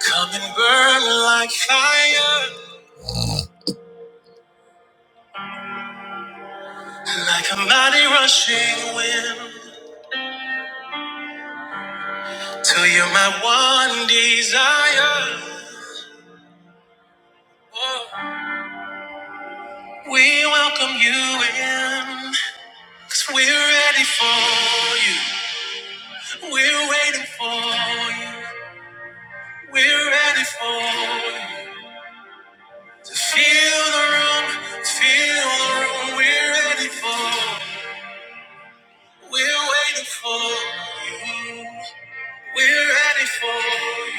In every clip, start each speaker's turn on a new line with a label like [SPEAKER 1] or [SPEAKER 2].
[SPEAKER 1] Come and burn like fire, like a mighty rushing wind. Till you're my one desire. Oh, we welcome you in, cause we're ready for you. We're waiting for you. We're ready for you. To feel the room, feel the room. We're ready for We're waiting for you. We're ready for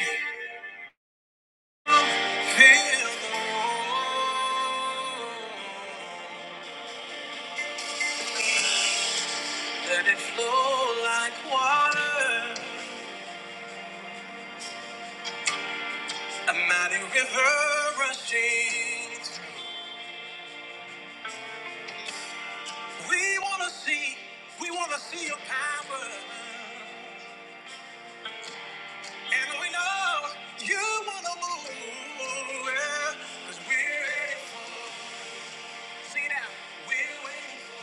[SPEAKER 1] you. Feel the warmth. Let it flow like water. A mighty river rushing. We wanna see, we wanna see your power. And we know you wanna move. yeah. we we're ready for, see now, we're waiting,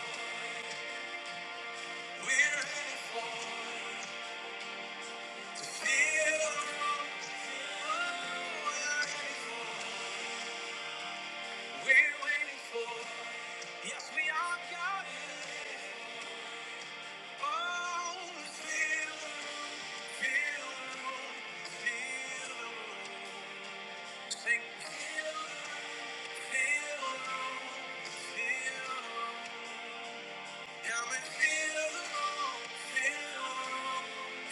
[SPEAKER 1] we're ready for, to feel the roar. We're waiting for, Yes, we are God. Oh, feel the room, feel the room, feel the room. Sing, feel the room, feel the room, Come and feel the room, feel the room,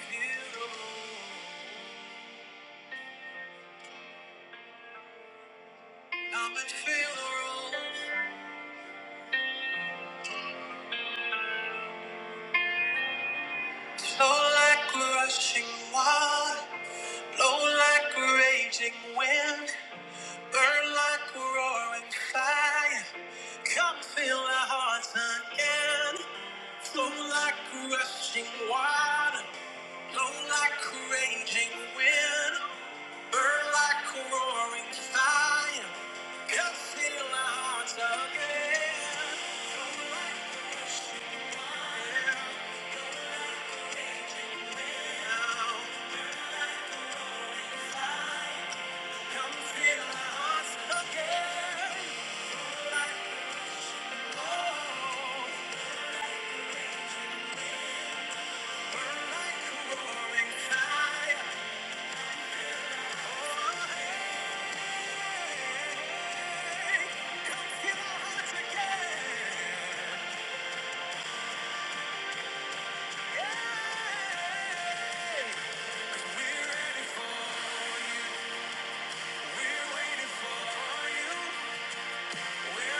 [SPEAKER 1] feel the room. Come and feel the room. Flow like rushing water, blow like raging wind. Burn like a roaring fire. Come fill our hearts again. Flow like a rushing water. Blow like a raging wind. Burn like a roaring fire. Come fill our hearts again. Come fill our hearts again. Oh, like a roaring fire. Oh, hearts again. We're waiting for you.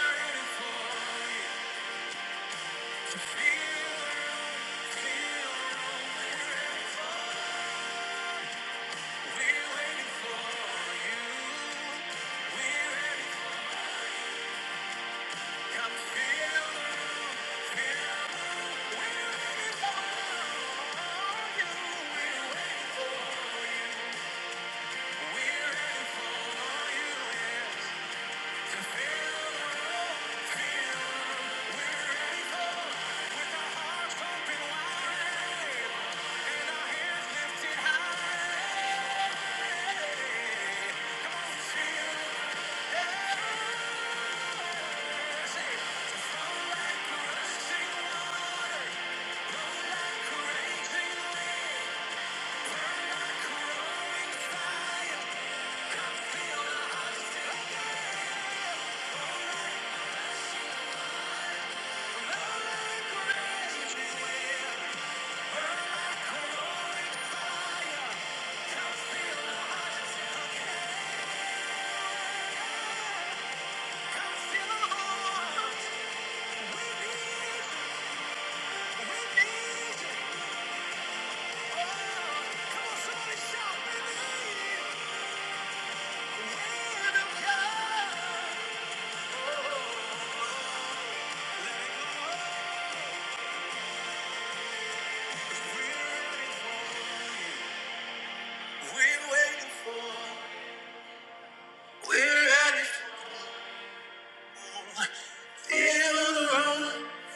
[SPEAKER 1] We're ready.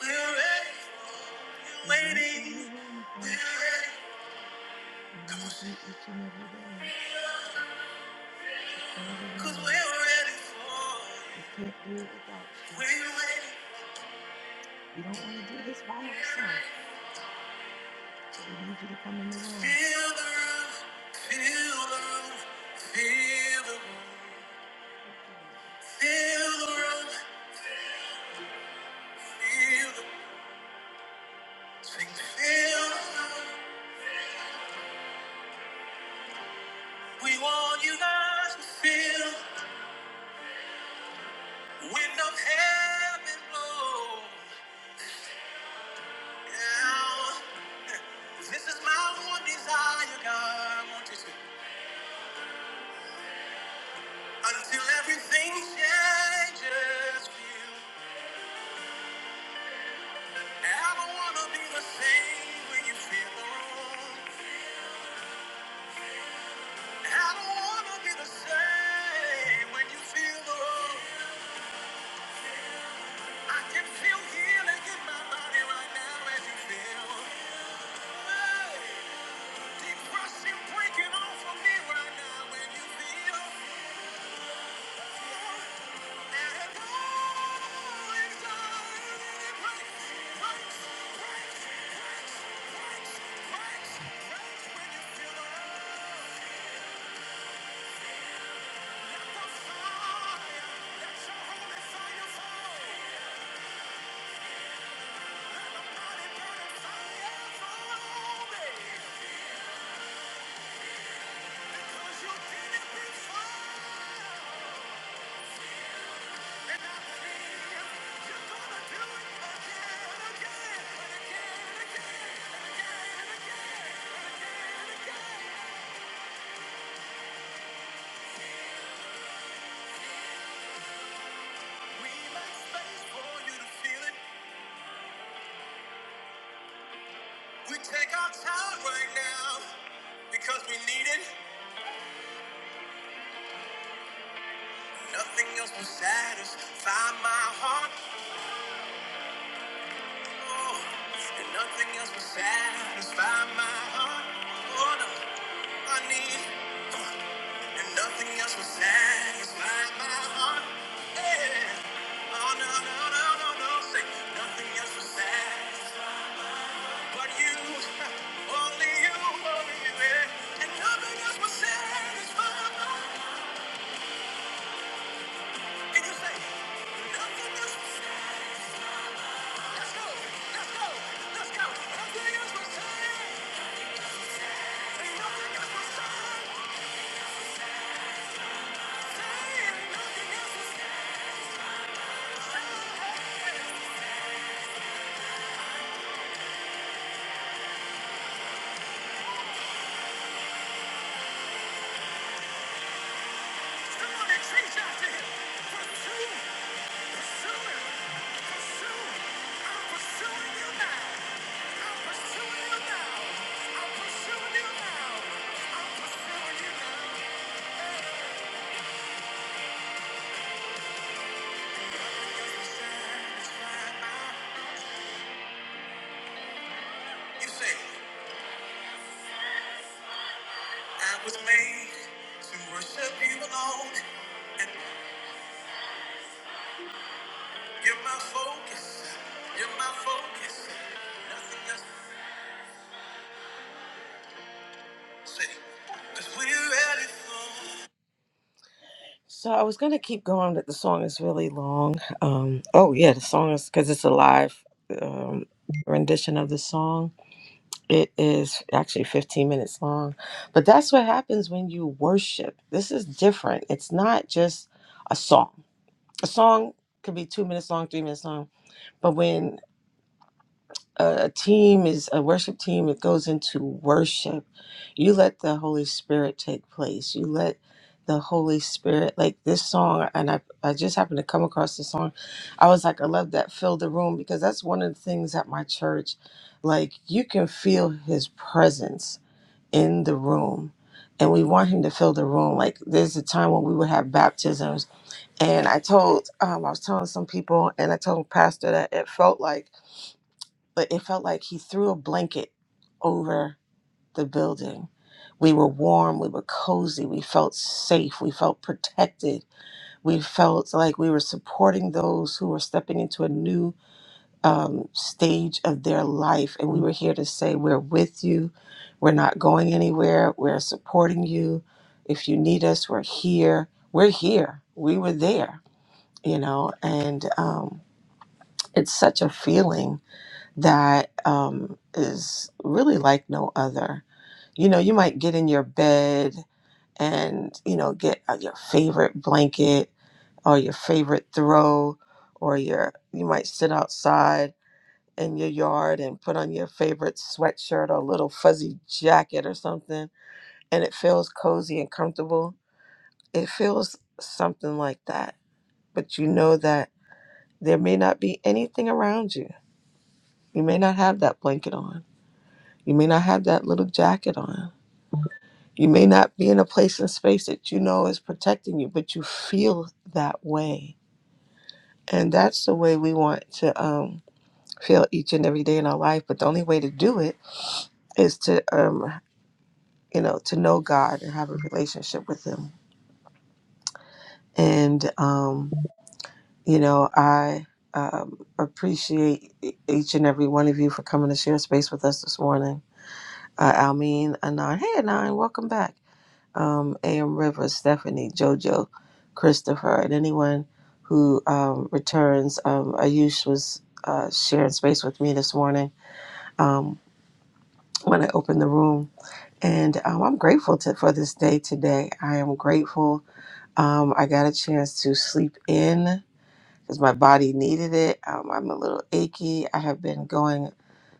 [SPEAKER 1] We're We're We're ready. ready. ready You don't want to do this by yourself. So we need you to come in the room. Feel the room. Feel the room. Feel the room. Feel the room. Feel the room. Sing, feel the room. We want you guys to feel the wind of heaven blow. Now, this is my one desire, God. I want you to. Until everything changes, feel. I don't want to be the same when you feel the room. I don't wanna be the same when you feel the wrong. I can feel healing in my body right now as you feel. Hey, Depression breaking off of me right now when you feel. Let it go. It's all breaks, breaks, breaks, when you feel the wrong. Let the fire, let your holy fire fall. Take our time right now because we need it. Nothing else will satisfy my heart. Oh, and nothing else will satisfy my heart. Oh, no. I need, and nothing else will satisfy my heart. Yeah. Oh no no no no no, nothing else will satisfy you, only you, only you, yeah. and Nothing else will satisfy. you say, I was made to worship you alone. And you're my focus. You're my focus. Nothing else. Say, cause we're ready for So I was gonna keep going, but the song is really long. Um, oh yeah, the song is because it's a live um, rendition of the song. It is actually 15 minutes long, but that's what happens when you worship. This is different. It's not just a song. A song could be two minutes long, three minutes long, but when a, a team is a worship team it goes into worship you let the holy spirit take place you let the holy spirit like this song and i, I just happened to come across this song i was like i love that fill the room because that's one of the things at my church like you can feel his presence in the room and we want him to fill the room like there's a time when we would have baptisms and i told um, i was telling some people and i told pastor that it felt like but it felt like he threw a blanket over the building. We were warm, we were cozy, we felt safe, we felt protected, we felt like we were supporting those who were stepping into a new um, stage of their life. And we were here to say, We're with you, we're not going anywhere, we're supporting you. If you need us, we're here. We're here, we were there, you know, and um, it's such a feeling that um, is really like no other. You know, you might get in your bed and, you know, get uh, your favorite blanket or your favorite throw or your, you might sit outside in your yard and put on your favorite sweatshirt or little fuzzy jacket or something and it feels cozy and comfortable. It feels something like that. But you know that there may not be anything around you. You may not have that blanket on You may not have that little jacket on. You may not be in a place and space that you know is protecting you, but you feel that way. And that's the way we want to um, feel each and every day in our life. But the only way to do it is to, um, you know, to know God and have a relationship with Him. And, um, you know, I um, appreciate e- each and every one of you for coming to share space with us this morning. Uh, Almeen, Anon. Hey, Anon, welcome back. um, A.M. Rivers, Stephanie, JoJo, Christopher, and anyone who um, returns. Um, Ayush was uh, sharing space with me this morning um, when I opened the room. And um, I'm grateful to, for this day today. I am grateful. Um, I got a chance to sleep in because my body needed it. Um, I'm a little achy. I have been going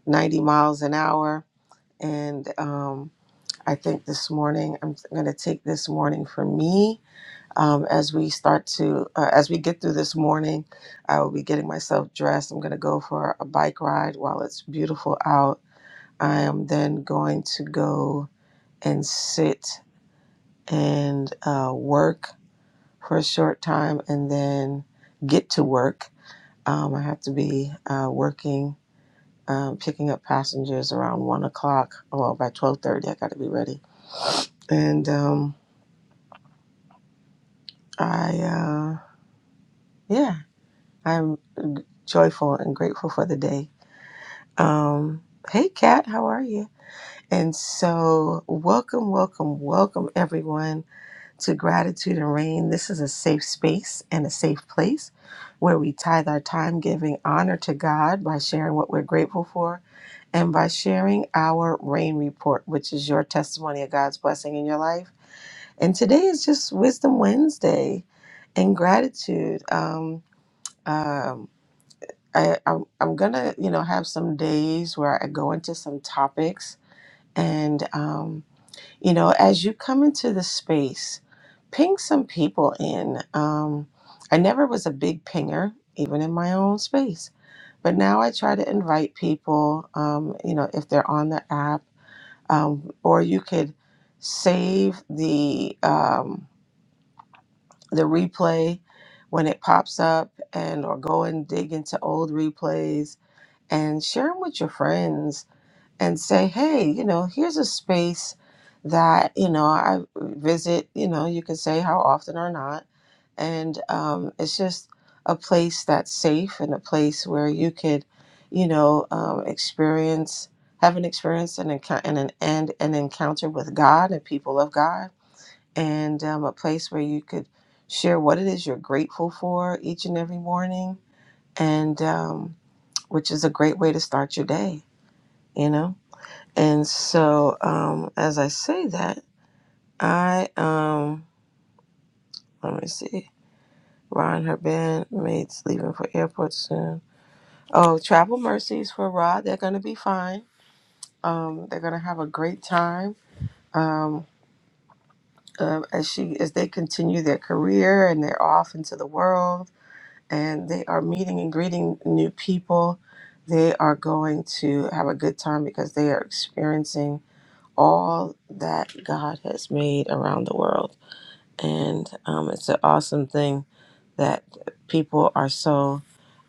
[SPEAKER 1] 90 miles an hour. And um, I think this morning, I'm going to take this morning for me um, as we start to uh, as we get through this morning i will be getting myself dressed i'm going to go for a bike ride while it's beautiful out i am then going to go and sit and uh, work for a short time and then get to work um, i have to be uh, working um, picking up passengers around one o'clock well by 12.30 i got to be ready and um, i uh, yeah i'm joyful and grateful for the day Um, hey, Kat, how are you? And so, welcome, welcome, welcome, everyone, to Gratitude and Rain. This is a safe space and a safe place where we tithe our time giving honor to God by sharing what we're grateful for and by sharing our rain report, which is your testimony of God's blessing in your life. And today is just Wisdom Wednesday and gratitude. Um, um, I, I'm, I'm gonna, you know, have some days where I go into some topics, and um, you know, as you come into the space, ping some people in. Um, I never was a big pinger, even in my own space, but now I try to invite people. Um, you know, if they're on the app, um, or you could save the um, the replay when it pops up, and or go and dig into old replays and share them with your friends and say, hey, you know, here's a space that, you know, I visit, you know, you can say how often or not. And um, it's just a place that's safe and a place where you could, you know, um, experience, have an experience and, encou- and, an, and an encounter with God and people of God, and um, a place where you could share what it is you're grateful for each and every morning. And, um, which is a great way to start your day, you know? And so, um, as I say that, I, um, let me see, Ron, her bandmates leaving for airport soon. Oh, travel mercies for Rod. They're going to be fine. Um, they're going to have a great time. Um, uh, as she, as they continue their career and they're off into the world and they are meeting and greeting new people, they are going to have a good time because they are experiencing all that God has made around the world. And um, it's an awesome thing that people are so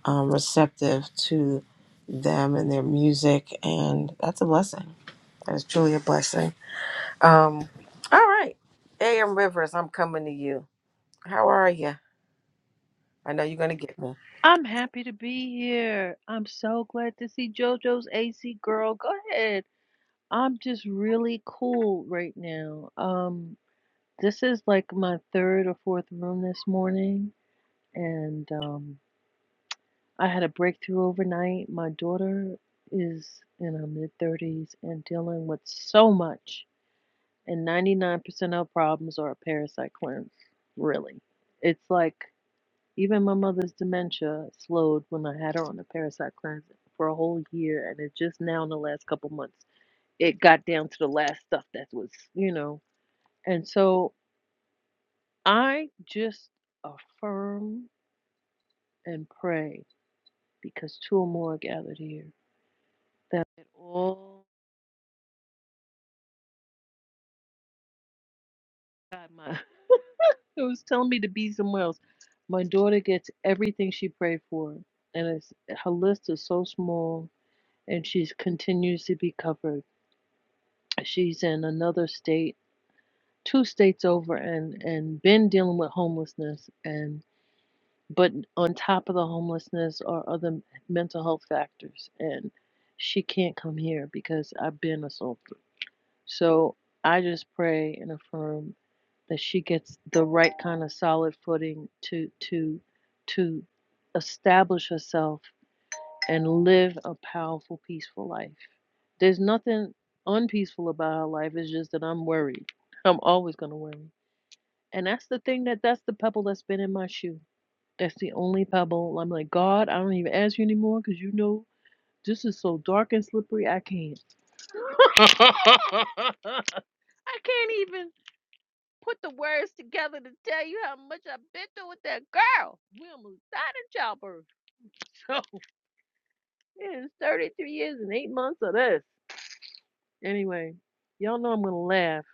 [SPEAKER 1] um, receptive to them and their music. And that's a blessing. That is truly a blessing. Um, all right. A.M. Rivers, I'm coming to you. How are you? I know you're going to get me.
[SPEAKER 2] I'm happy to be here. I'm so glad to see JoJo's AC girl. Go ahead. I'm just really cool right now. Um, this is like my third or fourth room this morning, and um, I had a breakthrough overnight. My daughter is in her mid 30s and dealing with so much, and 99% of problems are a parasite cleanse. Really, it's like Even my mother's dementia slowed when I had her on the parasite cleanse for a whole year, and it just now in the last couple months it got down to the last stuff that was, you know. And so I just affirm and pray because two or more are gathered here that all God, my it was telling me to be somewhere else. My daughter gets everything she prayed for, and it's, her list is so small, and she continues to be covered she's in another state, two states over, and and been dealing with homelessness, and but on top of the homelessness are other mental health factors, and she can't come here because I've been assaulted. So I just pray and affirm that she gets the right kind of solid footing to to to establish herself and live a powerful, peaceful life. There's nothing unpeaceful about our life. It's just that I'm worried. I'm always going to worry. And that's the thing that that's the pebble that's been in my shoe. That's the only pebble. I'm like, God, I don't even ask you anymore because you know this is so dark and slippery. I can't. I can't even put the words together to tell you how much I've been through with that girl. We almost died in childbirth. So it is 33 years and eight months of this. Anyway, y'all know I'm gonna laugh.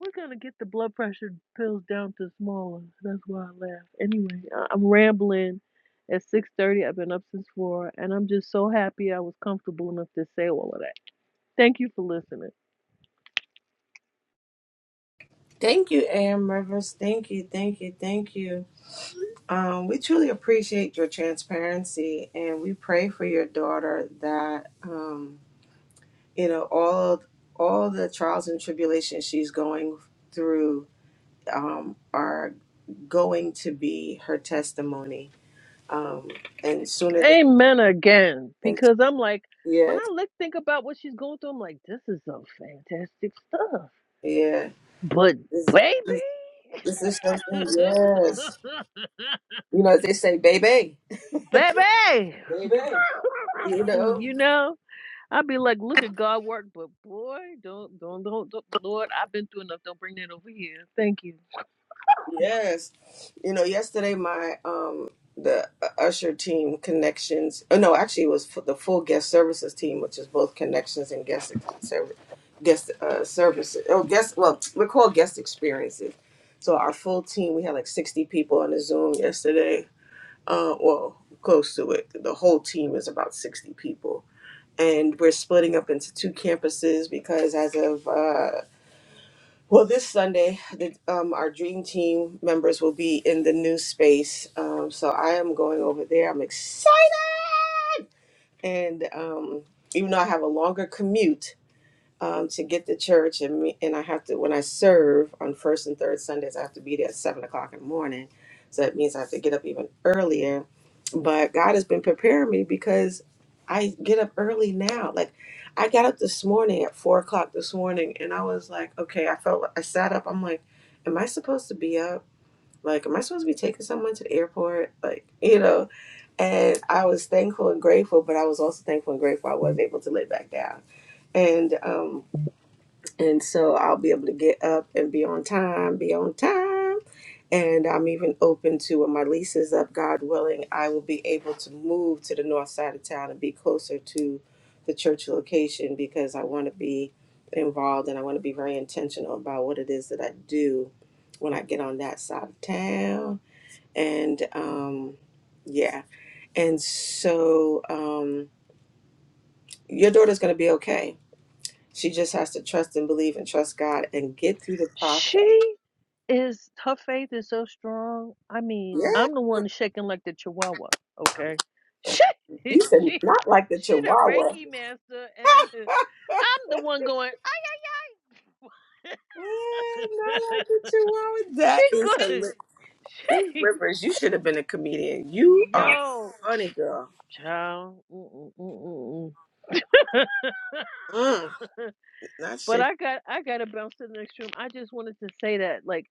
[SPEAKER 2] We're gonna get the blood pressure pills down to smaller. That's why I laugh. Anyway, I- am rambling. At 6:30, I've been up since four, and I'm just so happy I was comfortable enough to say all of that. Thank you for listening.
[SPEAKER 1] Thank you, Am Rivers. Thank you, thank you, thank you. Um, we truly appreciate your transparency, and we pray for your daughter that. um, you know all all the trials and tribulations she's going through um, are going to be her testimony um, and sooner than
[SPEAKER 2] Amen again,
[SPEAKER 1] and-
[SPEAKER 2] because I'm like, when
[SPEAKER 1] yes
[SPEAKER 2] I look, think about what she's going through, I'm like, this is some fantastic stuff.
[SPEAKER 1] yeah yeah.
[SPEAKER 2] But
[SPEAKER 1] this, this,
[SPEAKER 2] baby,
[SPEAKER 1] this is something yes you know they say baby
[SPEAKER 2] baby,
[SPEAKER 1] baby you know
[SPEAKER 2] you know. I'd be like, look at God work, but boy, don't, don't, don't, don't, Lord, I've been through enough. Don't bring that over here. Thank you.
[SPEAKER 1] Yes. You know, yesterday my um the uh, Usher team connections. Oh no, actually it was for the full guest services team, which is both connections and guest service guest uh services. Oh, guest well, we're called guest experiences. So our full team, we had like 60 people on the Zoom yesterday. Uh well, close to it. The whole team is about 60 people. And we're splitting up into two campuses because as of uh well, this Sunday, the, um, our dream team members will be in the new space. Um, so I am going over there. I'm excited. And um, even though I have a longer commute, um, to get to church, and me, and I have to when I serve on first and third Sundays, I have to be there at seven o'clock in the morning. So that means I have to get up even earlier. But God has been preparing me because I get up early now. Like I got up this morning at four o'clock this morning, and I was like, okay, I felt like I sat up. I'm like, am I supposed to be up? Like, am I supposed to be taking someone to the airport? Like, you know. And I was thankful and grateful, but I was also thankful and grateful I was able to lay back down and um, and so I'll be able to get up and be on time, be on time. And I'm even open to when my lease is up, God willing, I will be able to move to the north side of town and be closer to the church location because I want to be involved and I want to be very intentional about what it is that I do when I get on that side of town. And um, yeah, and so um, your daughter's going to be okay she just has to trust and believe and trust God and get through the process.
[SPEAKER 2] She is, her faith is so strong. I mean,
[SPEAKER 1] Yeah.
[SPEAKER 2] I'm the one shaking like the chihuahua, okay? She, she,
[SPEAKER 1] You said not like the
[SPEAKER 2] she the
[SPEAKER 1] Chihuahua.
[SPEAKER 2] Reiki master, and uh, I'm the one going, I,
[SPEAKER 1] Eh, not like the Chihuahua.
[SPEAKER 2] she
[SPEAKER 1] That is
[SPEAKER 2] good.
[SPEAKER 1] hilarious. Hey,
[SPEAKER 2] She,
[SPEAKER 1] Rivers, you should have been a comedian. You are
[SPEAKER 2] yo,
[SPEAKER 1] funny, girl.
[SPEAKER 2] child. Mm-mm-mm-mm.
[SPEAKER 1] Mm, not
[SPEAKER 2] But
[SPEAKER 1] shit.
[SPEAKER 2] I got I got to bounce to the next room. I just wanted to say that, like,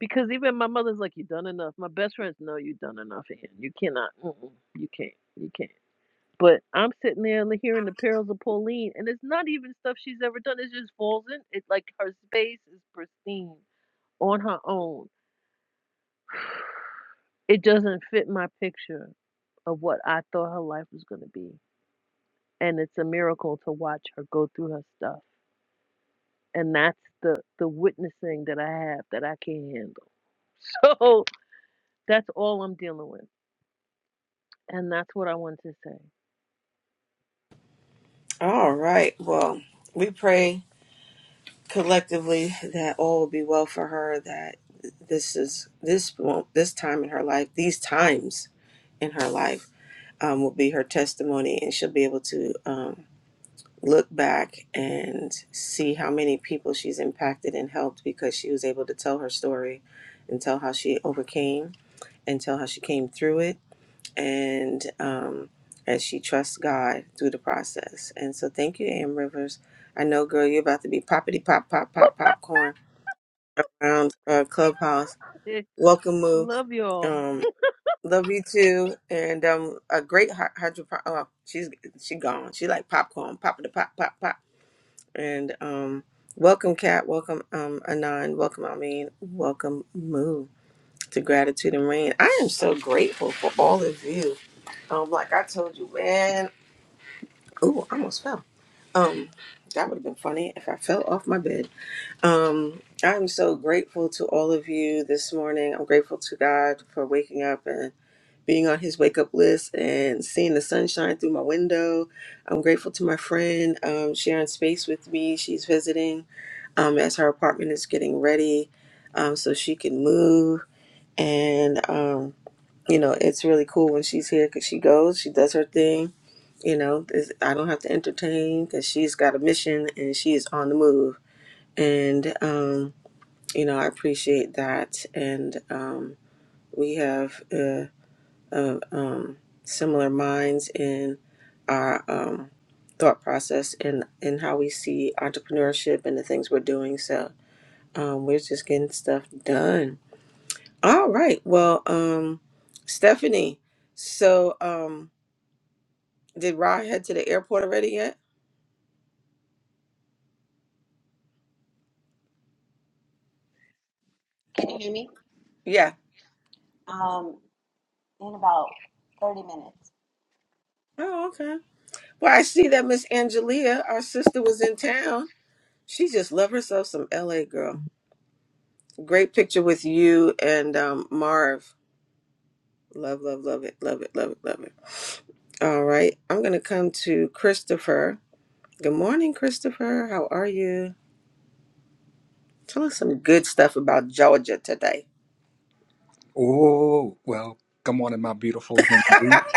[SPEAKER 2] because even my mother's like, "You done enough." My best friends know you done enough, and you cannot, mm-mm, you can't, you can't. But I'm sitting there li- hearing the perils of Pauline, and it's not even stuff she's ever done. It just falls in. It like her space is pristine on her own. It doesn't fit my picture of what I thought her life was gonna be, and it's a miracle to watch her go through her stuff and that's the the witnessing that I have that I can't handle. So that's all I'm dealing with, and that's what I want to
[SPEAKER 1] All right. Well, we pray collectively that all will be well for her. That this is this won't- this time in her life, these times in her life, um, will be her testimony, and she'll be able to. Um, look back and see how many people she's impacted and helped because she was able to tell her story and tell how she overcame and tell how she came through it and um, as she trusts God through the process. And so thank you, Am Rivers. I know, girl, you're about to be poppity pop pop pop popcorn around uh, Clubhouse.
[SPEAKER 2] say.
[SPEAKER 1] Welcome, Moo.
[SPEAKER 2] Love y'all.
[SPEAKER 1] Um, love you too. And um, a great hydro. Oh, she's she gone. She like popcorn, poppity pop pop pop. And um, welcome, Kat. Welcome, um, Anon. Welcome, Amin. Welcome, Moo, to Gratitude and Rain. I am so grateful for all of you. Um, like I told you, man. Ooh, I almost fell. Um, that would have been funny if I fell off my bed. Um, I'm so grateful to all of you this morning. I'm grateful to God for waking up being on his wake up list and seeing the sunshine through my window. I'm grateful to my friend um, sharing space with me. She's visiting um, as her apartment is getting ready um, so she can move. And, um, you know, it's really cool when she's here because she goes, she does her thing. You know, There's- I don't have to entertain because she's got a mission and she is on the move. And, um, you know, I appreciate that. And um, we have. Uh, of um, similar minds in our um, thought process and, and how we see entrepreneurship and the things we're doing. So um, we're just getting stuff done. All right. Well, um, Stephanie, so um, did Rod head to the airport already yet?
[SPEAKER 3] Can you hear me?
[SPEAKER 1] Yeah.
[SPEAKER 3] Um, in about 30 minutes.
[SPEAKER 1] Oh, okay. Well, I see that Miss Angelia, our sister, was in town. She just love herself some LA girl. Great picture with you and um, Marv. Love, love, love it, love it, love it, love it. All right, I'm gonna come to Christopher. Good morning, Christopher. How are you? Tell us some good stuff about Georgia today.
[SPEAKER 4] Oh, well, good morning, my beautiful human beings.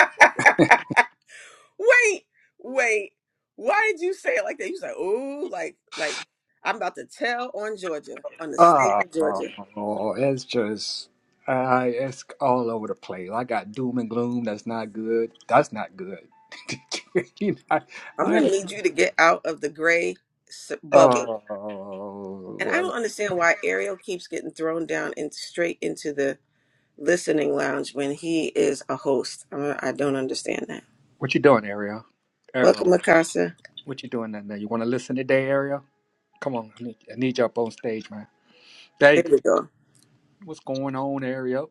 [SPEAKER 1] wait, wait. Why did you say it like that? You said, "Ooh, like, like I'm about to tell on Georgia, on the state of Georgia."
[SPEAKER 4] Oh, it's just, I it's all over the place. I got doom and gloom. That's not good. That's not good. You know,
[SPEAKER 1] I'm gonna
[SPEAKER 4] I-
[SPEAKER 1] need you to get out of the gray s- bubble And I
[SPEAKER 4] oh,
[SPEAKER 1] don't understand why Ariel keeps getting thrown down and straight into the listening lounge when he is a host. I, don't- I don't understand that.
[SPEAKER 4] what you doing, Ariel? Ariel,
[SPEAKER 1] Welcome, Mikasa.
[SPEAKER 4] what you doing down there? You want to listen today, Ariel? Come on, I need, I need you up on stage, man. There you
[SPEAKER 1] There
[SPEAKER 4] go.
[SPEAKER 1] we go.
[SPEAKER 4] What's going on, Ariel?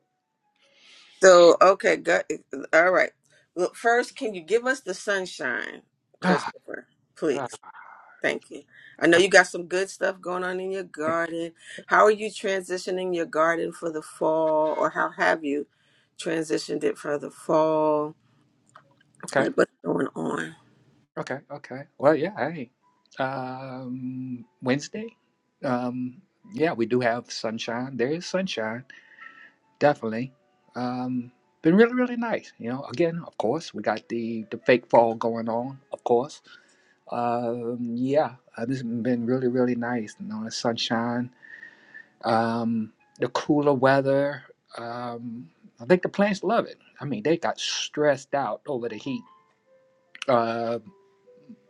[SPEAKER 1] So, okay, got, all right. Well, first, can you give us the sunshine, Christopher?
[SPEAKER 4] Ah,
[SPEAKER 1] Please. Thank you. I know
[SPEAKER 4] ah,
[SPEAKER 1] you got some good stuff going on in your garden. How are you transitioning your garden for the fall, or how have you transitioned it for the fall?
[SPEAKER 4] okay.
[SPEAKER 1] Like, what's going on?
[SPEAKER 4] Okay, okay. Well, yeah, hey. Um, Wednesday? Um, yeah, we do have sunshine. There is sunshine, definitely. Um, been really, really nice. You know, again, of course, we got the the fake fall going on, of course. Um, yeah, uh, this has been really, really nice. You know, the sunshine, um, the cooler weather. Um, I think the plants love it. I mean, they got stressed out over the heat Uh,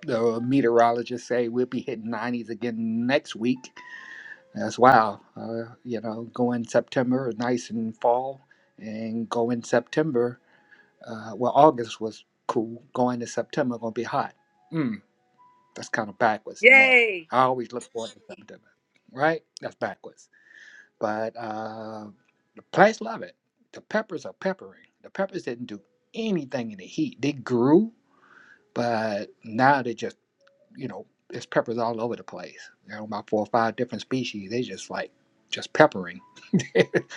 [SPEAKER 4] the meteorologists say we'll be hitting 90s again next week That's wow. Uh, you know, go in September, nice and fall, and go in September. Uh, well, August was cool. Going to September, gonna be hot. Mm, that's kind of backwards to me. I always look forward to September, right? That's backwards. But uh, the plants love it. The peppers are peppering. The peppers didn't do anything in the heat. They grew, but now they just you know, there's peppers all over the place. You know, about four or five different species. They just like just peppering.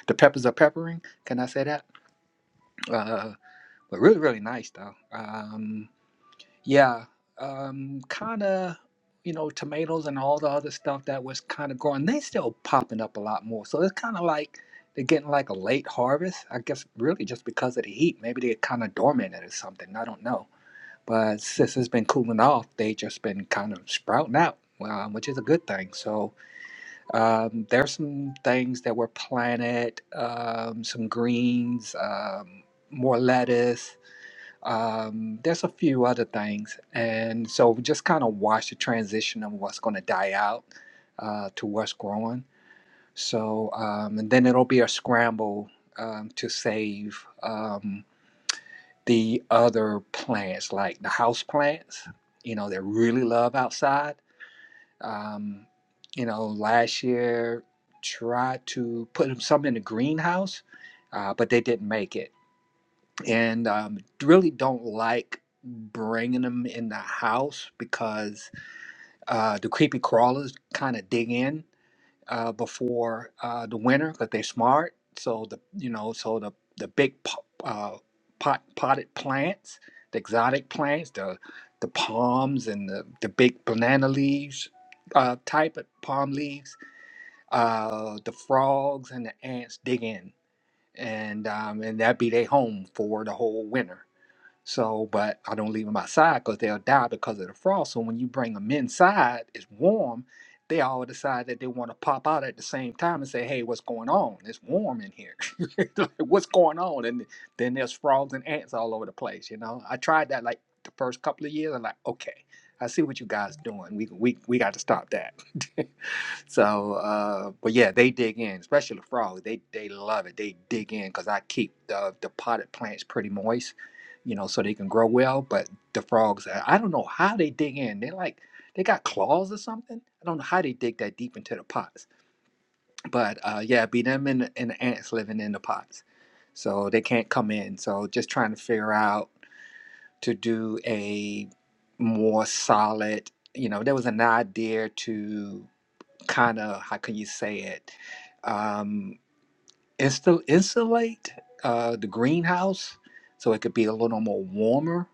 [SPEAKER 4] the peppers are peppering. Can I say that? Uh, but really, really nice though. Um, yeah, um, kind of. You know, tomatoes and all the other stuff that was kind of growing. They still popping up a lot more. So it's kind of like they're getting like a late harvest. I guess really just because of the heat. Maybe they're kind of dormant or something. I don't know but since it's been cooling off, they just been kind of sprouting out, um, which is a good thing. So um, there's some things that were planted, um, some greens, um, more lettuce. Um, there's a few other things, and so we just kind of watch the transition of what's going to die out uh, to what's growing. So um, and then it'll be a scramble um, to save. Um, the other plants, like the house plants, you know, that really love outside. Um, you know, last year tried to put some in the greenhouse, uh, but they didn't make it. And um, really don't like bringing them in the house because uh, the creepy crawlers kind of dig in uh, before uh, the winter because they're smart. So the you know so the the big po- uh, pot potted plants, the exotic plants, the the palms and the, the big banana leaves uh, type of palm leaves. Uh, the frogs and the ants dig in, and um, and that be their home for the whole winter. So, but I don't leave them outside because they'll die because of the frost. So when you bring them inside, it's warm. They all decide that they want to pop out at the same time and say, "Hey, what's going on? It's warm in here. Like, what's going on?" And then there's frogs and ants all over the place. You know, I tried that like the first couple of years. I'm like, okay, I see what you guys doing. We we we got to stop that. So, uh, but yeah, they dig in, especially the frogs. They they love it. They dig in because I keep the the potted plants pretty moist, you know, so they can grow well. But the frogs, I I don't know how they dig in. They like they got claws or something. I don't know how they dig that deep into the pots. But uh, yeah, it'd be them and the, and the ants living in the pots, so they can't come in. So just trying to figure out to do a more solid. You know, there was an idea to kind of how can you say it um insta- insulate uh the greenhouse so it could be a little more warmer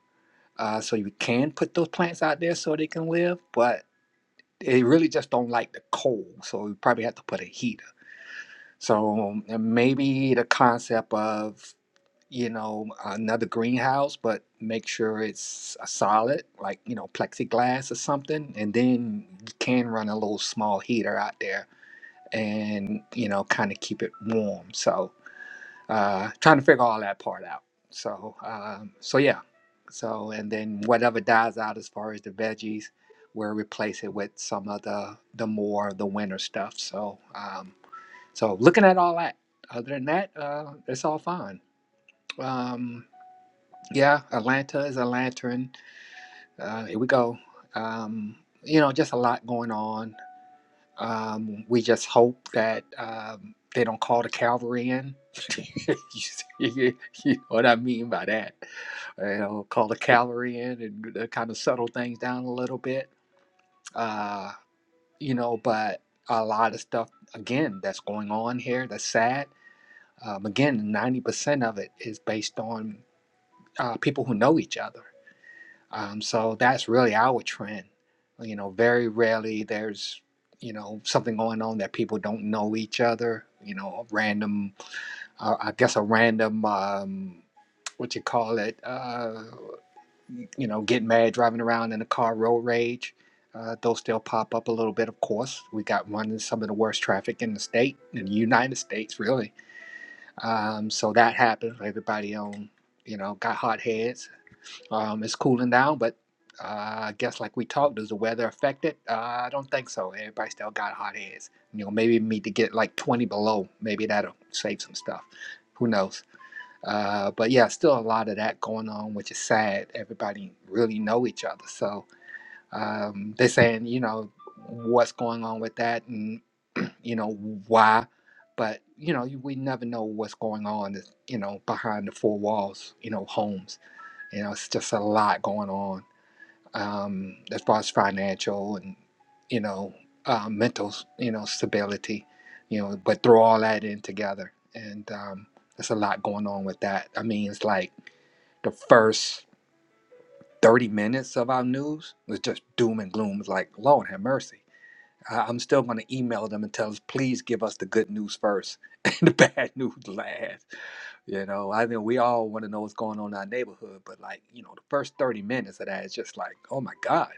[SPEAKER 4] uh so you can put those plants out there so they can live but they really just don't like the cold so you probably have to put a heater so and maybe the concept of you know another greenhouse but make sure it's a solid like you know plexiglass or something and then you can run a little small heater out there and you know kind of keep it warm so uh trying to figure all that part out so um so yeah so and then whatever dies out as far as the veggies we'll replace it with some of the the more the winter stuff so um so looking at all that other than that uh it's all fine um yeah atlanta is a lantern uh here we go um you know just a lot going on Um, we just hope that um, they don't call the cavalry in. you know what I mean by that? You know, call the cavalry in and kind of settle things down a little bit. Uh, you know, but a lot of stuff again that's going on here that's sad. Um, again, ninety percent of it is based on uh, people who know each other. Um, so that's really our trend. You know, very rarely there's, you know, something going on that people don't know each other. You know, a random, uh, I guess a random, um, what you call it, uh, you know, getting mad, driving around in a car, road rage. Uh, those still pop up a little bit, of course. We got one of some of the worst traffic in the state, in the United States, really. Um, so that happens. Everybody on, you know, got hot heads um, it's cooling down, but uh, I guess like we talked, does the weather affect it? Uh, I don't think so. Everybody still got hot airs. You know, maybe need to get like 20 below. Maybe that'll save some stuff. Who knows? Uh, but yeah, still a lot of that going on, which is sad. Everybody really know each other, so um, they're saying, you know, what's going on with that, and you know why. But you know, you- we never know what's going on, you know, behind the four walls, you know, homes you know, it's just a lot going on um, as far as financial and you know uh, mental you know stability. You know, but throw all that in together, and um, there's a lot going on with that. I mean, it's like the first 30 minutes of our news was just doom and gloom. It's like, Lord have mercy. I- I'm still going to email them and tell us, please give us the good news first and the bad news last. You know, I think we all want to know what's going on in our neighborhood, but like, you know, the first 30 minutes of that is just like, oh my God,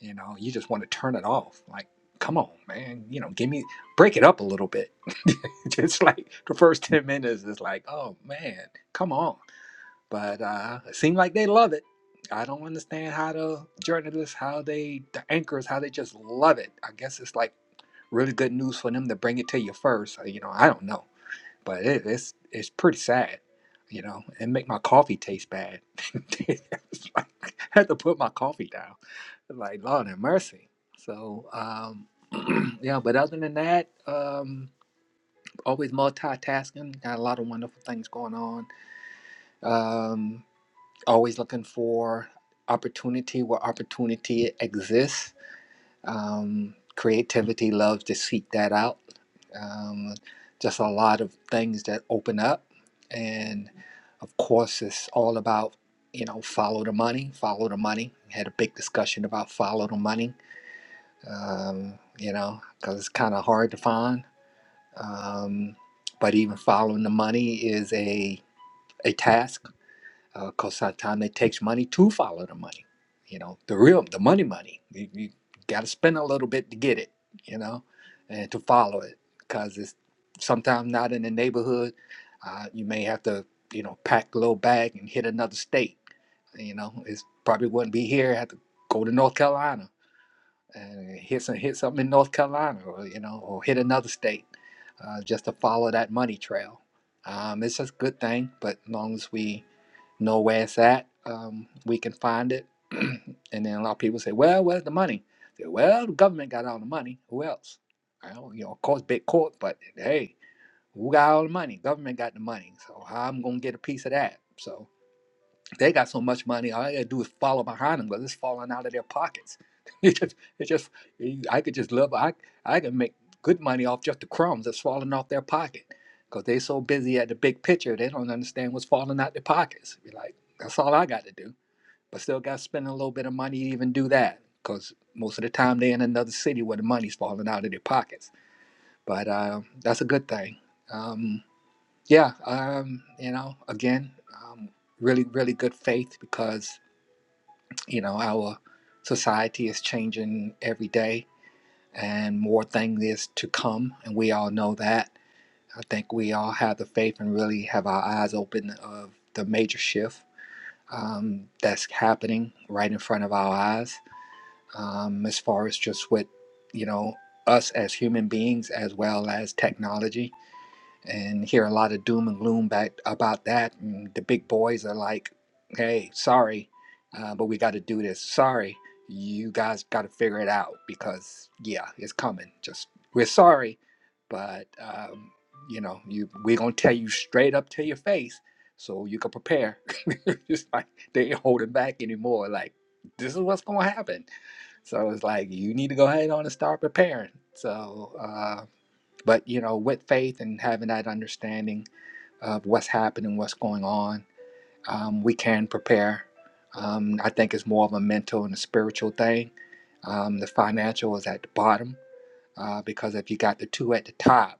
[SPEAKER 4] you know, you just want to turn it off. Like, come on, man, you know, give me, break it up a little bit. just like the first 10 minutes is like, oh man, come on but uh, it seems like they love it. I don't understand how the journalists, how they, the anchors, how they just love it. I guess it's like really good news for them to bring it to you first. uh, You know, I don't know, but it, it's it's pretty sad. You know, and make my coffee taste bad. It's like, I had to put my coffee down. Like Lord have mercy. So um, yeah, but other than that, um, always multitasking. Got a lot of wonderful things going on. Um, always looking for opportunity where opportunity exists. Um, creativity loves to seek that out. Um, just a lot of things that open up. And of course, it's all about, you know, follow the money, follow the money. Had a big discussion about follow the money, um, you know, because it's kind of hard to find. Um, but even following the money is a, a task because uh, time it takes money to follow the money. You know, the real, the money, money. You, you got to spend a little bit to get it. You know, and to follow it because it's sometimes not in the neighborhood. Uh, you may have to, you know, pack a little bag and hit another state. You know, it's probably wouldn't be here. Have to go to North Carolina and hit some hit something in North Carolina, or you know, or hit another state, uh, just to follow that money trail. Um, it's a good thing, but as long as we know where it's at, um, we can find it. and then a lot of people say, "Well, where's the money?" Say, well, the government got all the money. Who else? Well, you know, of course, big court, but hey, who got all the money? Government got the money. So how I'm gonna get a piece of that? So they got so much money, all I gotta do is follow behind them because it's falling out of their pockets. It just, it just, I could just love. I, I can make good money off just the crumbs that's falling off their pocket because they so busy at the big picture, they don't understand what's falling out their pockets. Be like, that's all I got to do, but still got to spend a little bit of money to even do that because most of the time they're in another city where the money's falling out of their pockets. But uh, that's a good thing. Um, yeah, um, you know, again, um, really, really good faith because you know, our society is changing every day and more things is to come, and we all know that. I think we all have the faith and really have our eyes open of the major shift um, that's happening right in front of our eyes um, as far as just with, you know, us as human beings as well as technology and hear a lot of doom and gloom back about that. And the big boys are like, "Hey, sorry, uh, but we got to do this. Sorry, you guys got to figure it out because yeah, it's coming. Just we're sorry, but um, you know, you we're gonna tell you straight up to your face so you can prepare. it's like they ain't holding back anymore. Like this is what's gonna happen. So it's like you need to go ahead on and start preparing. So. uh, but you know, with faith and having that understanding of what's happening, what's going on, um, we can prepare. Um, I think it's more of a mental and a spiritual thing. Um, the financial is at the bottom uh, because if you got the two at the top,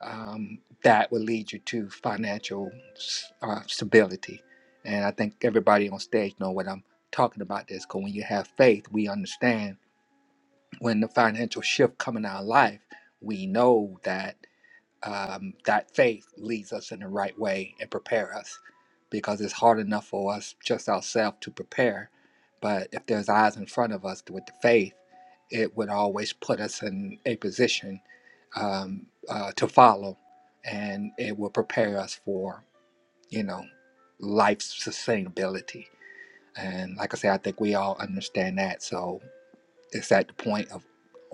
[SPEAKER 4] um, that will lead you to financial s- uh, stability. And I think everybody on stage know what I'm talking about. This because when you have faith, we understand when the financial shift come in our life, we know that um, that faith leads us in the right way and prepare us because it's hard enough for us just ourselves to prepare but if there's eyes in front of us with the faith it would always put us in a position um, uh, to follow and it will prepare us for you know life's sustainability and like i say i think we all understand that so it's at the point of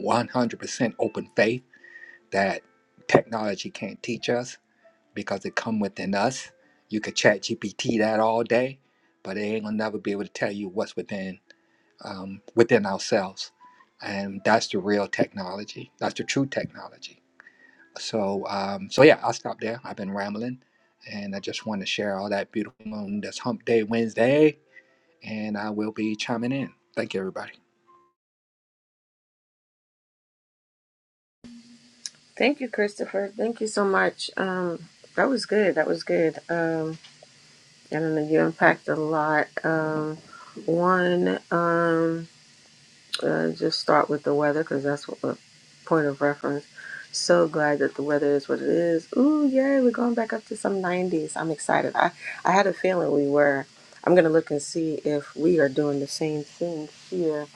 [SPEAKER 4] 100% open faith that technology can't teach us because it come within us. You could chat GPT that all day, but it ain't gonna never be able to tell you what's within um, within ourselves, and that's the real technology. That's the true technology. So, um, so yeah, I'll stop there. I've been rambling, and I just want to share all that beautiful on this Hump Day Wednesday, and I will be chiming in. Thank you, everybody.
[SPEAKER 1] Thank you, Christopher. Thank you so much. Um, that was good. That was good. Um, and I don't know you unpacked a lot. Um, one, um, uh, just start with the weather because that's what the point of reference. So glad that the weather is what it is. Ooh, yay! We're going back up to some 90s. I'm excited. I I had a feeling we were. I'm gonna look and see if we are doing the same thing here.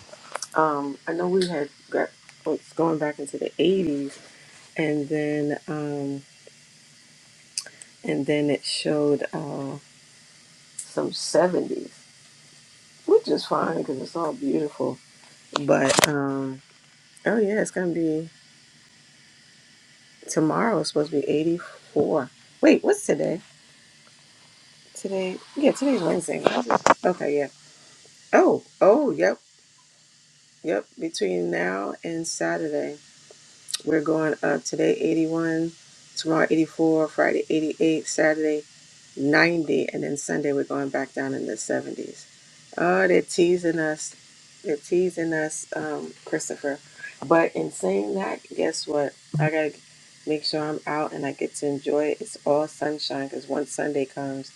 [SPEAKER 1] Um, I know we had got, it's going back into the 80s, and then. Um, and then it showed uh, some 70s, which is fine because it's all beautiful. But um, oh yeah, it's gonna be tomorrow. It's supposed to be 84. Wait, what's today? Today, yeah, today's Wednesday. What is it? Okay, yeah. Oh, oh, yep, yep. Between now and Saturday. We're going up today 81, tomorrow 84, Friday 88, Saturday 90, and then Sunday we're going back down in the 70s. Oh, they're teasing us. They're teasing us, um, Christopher. But in saying that, guess what? I gotta make sure I'm out and I get to enjoy it. It's all sunshine because once Sunday comes,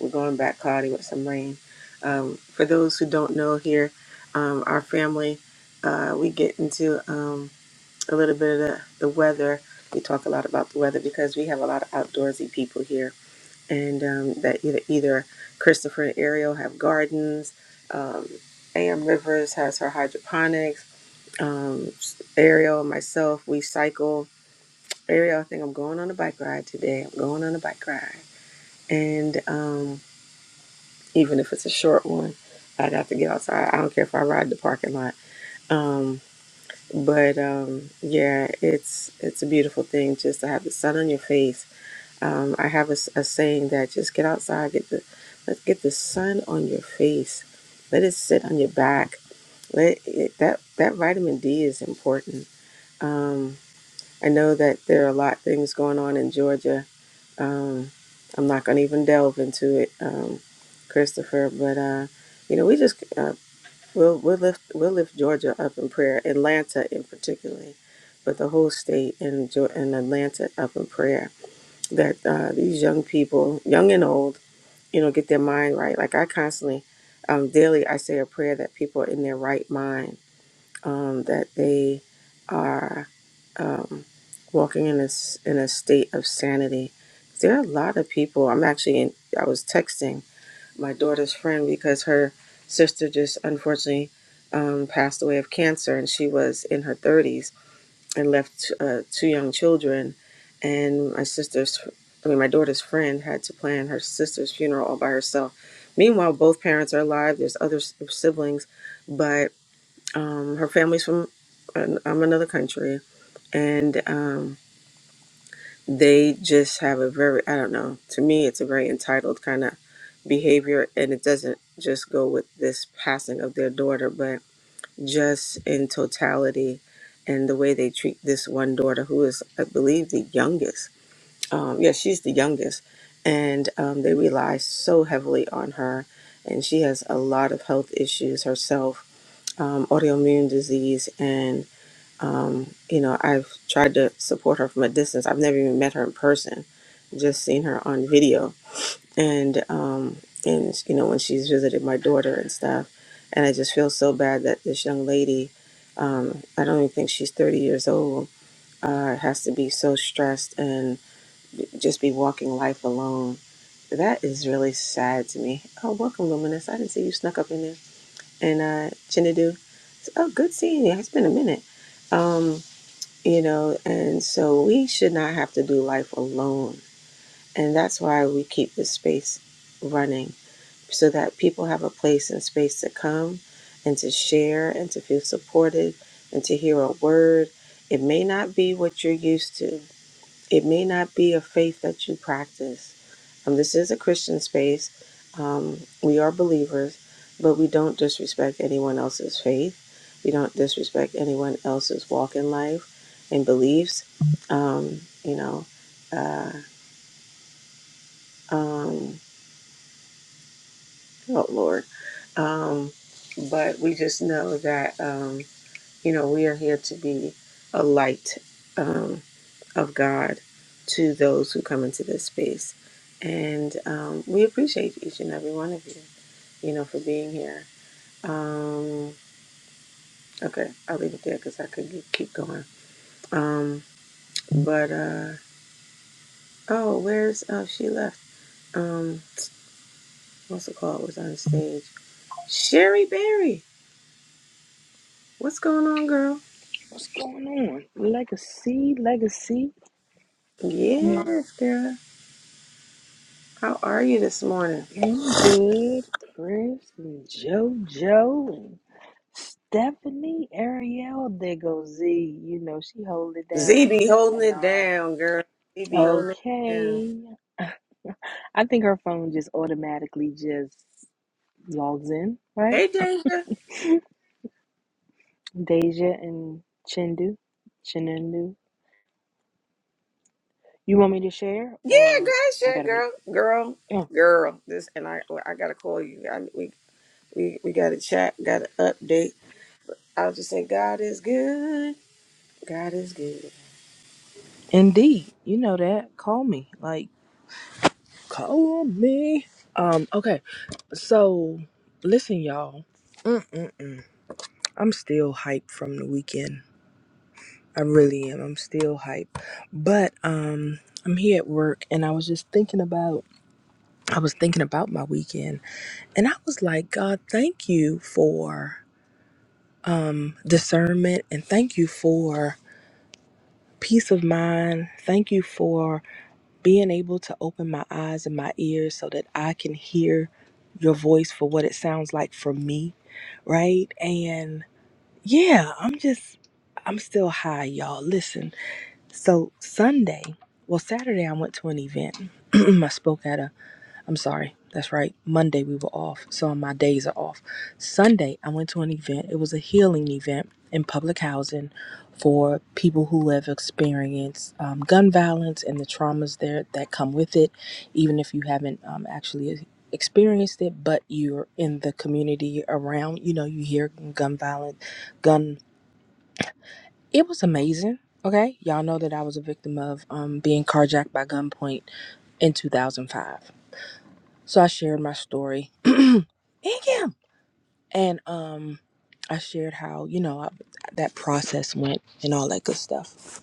[SPEAKER 1] we're going back cloudy with some rain. Um, for those who don't know here, um, our family, uh, we get into. Um, a little bit of the, the weather. We talk a lot about the weather because we have a lot of outdoorsy people here, and um, that either either Christopher and Ariel have gardens, um, Am Rivers has her hydroponics, um, Ariel, myself, we cycle. Ariel, I think I'm going on a bike ride today. I'm going on a bike ride, and um, even if it's a short one, I'd have to get outside. I don't care if I ride the parking lot. Um, but um, yeah, it's it's a beautiful thing just to have the sun on your face. Um, I have a, s- a saying that just get outside, get the let get the sun on your face, let it sit on your back. Let it, that that vitamin D is important. Um, I know that there are a lot of things going on in Georgia. Um, I'm not going to even delve into it, um, Christopher. But uh, you know, we just uh, We'll, we'll lift we'll lift Georgia up in prayer, Atlanta in particular, but the whole state and Geo- and Atlanta up in prayer. That uh, these young people, young and old, you know, get their mind right. Like I constantly, um, daily, I say a prayer that people are in their right mind, um, that they are um, walking in a s- in a state of sanity. There are a lot of people. I'm actually in, I was texting my daughter's friend because her sister just unfortunately um, passed away of cancer, and she was in her 30s and left uh, two young children. And my sister's, I mean, my daughter's friend had to plan her sister's funeral all by herself. Meanwhile, both parents are alive. There's other s- siblings, but um, her family's from an, um, another country, and um, they just have a very i don't know to me it's a very entitled kind of behavior and it doesn't just go with this passing of their daughter but just in totality and the way they treat this one daughter who is i believe the youngest um, yeah she's the youngest and um, they rely so heavily on her and she has a lot of health issues herself um, autoimmune disease and um, you know, I've tried to support her from a distance. I've never even met her in person, just seen her on video. And um, and you know, when she's visited my daughter and stuff, and I just feel so bad that this young lady, um, I don't even think she's 30 years old, uh, has to be so stressed and just be walking life alone. That is really sad to me. Oh, welcome, Luminous. I didn't see you snuck up in there. And uh, Chinadu, oh, good seeing you. It's been a minute. Um, you know, and so we should not have to do life alone. And that's why we keep this space running so that people have a place and space to come and to share and to feel supported and to hear a word. It may not be what you're used to, it may not be a faith that you practice um, this is a Christian space. Um, we are believers, but we don't disrespect anyone else's faith. We don't disrespect anyone else's walk in life and beliefs. Um, you know, uh, um, oh Lord. Um, but we just know that, um, you know, we are here to be a light um, of God to those who come into this space. And um, we appreciate each and every one of you. you know, for being here. Um, okay, I'll leave it there because I could ge- keep going. Um, but uh, oh, where's oh she left? Um, what's it called? Was on stage. Sherry Berry, what's going on, girl?
[SPEAKER 5] What's going on? Legacy, legacy. You
[SPEAKER 1] Yes, girl. How are you this morning?
[SPEAKER 5] ain't good. Chris and JoJo and Stephanie, Ariel. There goes Z. You know, she hold it down,
[SPEAKER 1] Z be
[SPEAKER 5] Luminous
[SPEAKER 1] holding it
[SPEAKER 5] Anon.
[SPEAKER 1] down, girl. Z be holding it down.
[SPEAKER 5] Okay. I think her phone just automatically just logs in, right?
[SPEAKER 1] Hey, Danger.
[SPEAKER 5] Deja and Chindu. Chinundu. You want me to share
[SPEAKER 1] Yeah,
[SPEAKER 5] or
[SPEAKER 1] great,
[SPEAKER 5] I
[SPEAKER 1] shit,
[SPEAKER 5] gotta wait?
[SPEAKER 1] girl, girl,
[SPEAKER 5] Oh,
[SPEAKER 1] girl. This and I, well, I gotta call you. I, we we we got to chat, got to update I will just say God is good. God is good.
[SPEAKER 5] indeed. You know that. Call me. Like, Call me. Um, okay. So listen, y'all. Mm-mm-mm. I'm still hyped from the weekend. I really am. I'm still hyped. But um I'm here at work and I was just thinking about I was thinking about my weekend and I was like, God, thank you for um discernment and thank you for peace of mind. Thank you for being able to open my eyes and my ears so that I can hear your voice for what it sounds like for me, right? And yeah, I'm just, I'm still high, y'all. Listen, so Sunday, well, Saturday, I went to an event. I spoke at a I'm sorry. That's right. Monday we were off. So my days are off. Sunday I went to an event. It was a healing event in public housing for people who have experienced um, gun violence and the traumas there that come with it, even if you haven't um, actually experienced it, but you're in the community around. You know, you hear gun violence, gun. It was amazing. Okay, y'all know that I was a victim of um, being carjacked by gunpoint in 2005. So I shared my story. Thank you. And um, I shared how you know I, that process went and all that good stuff.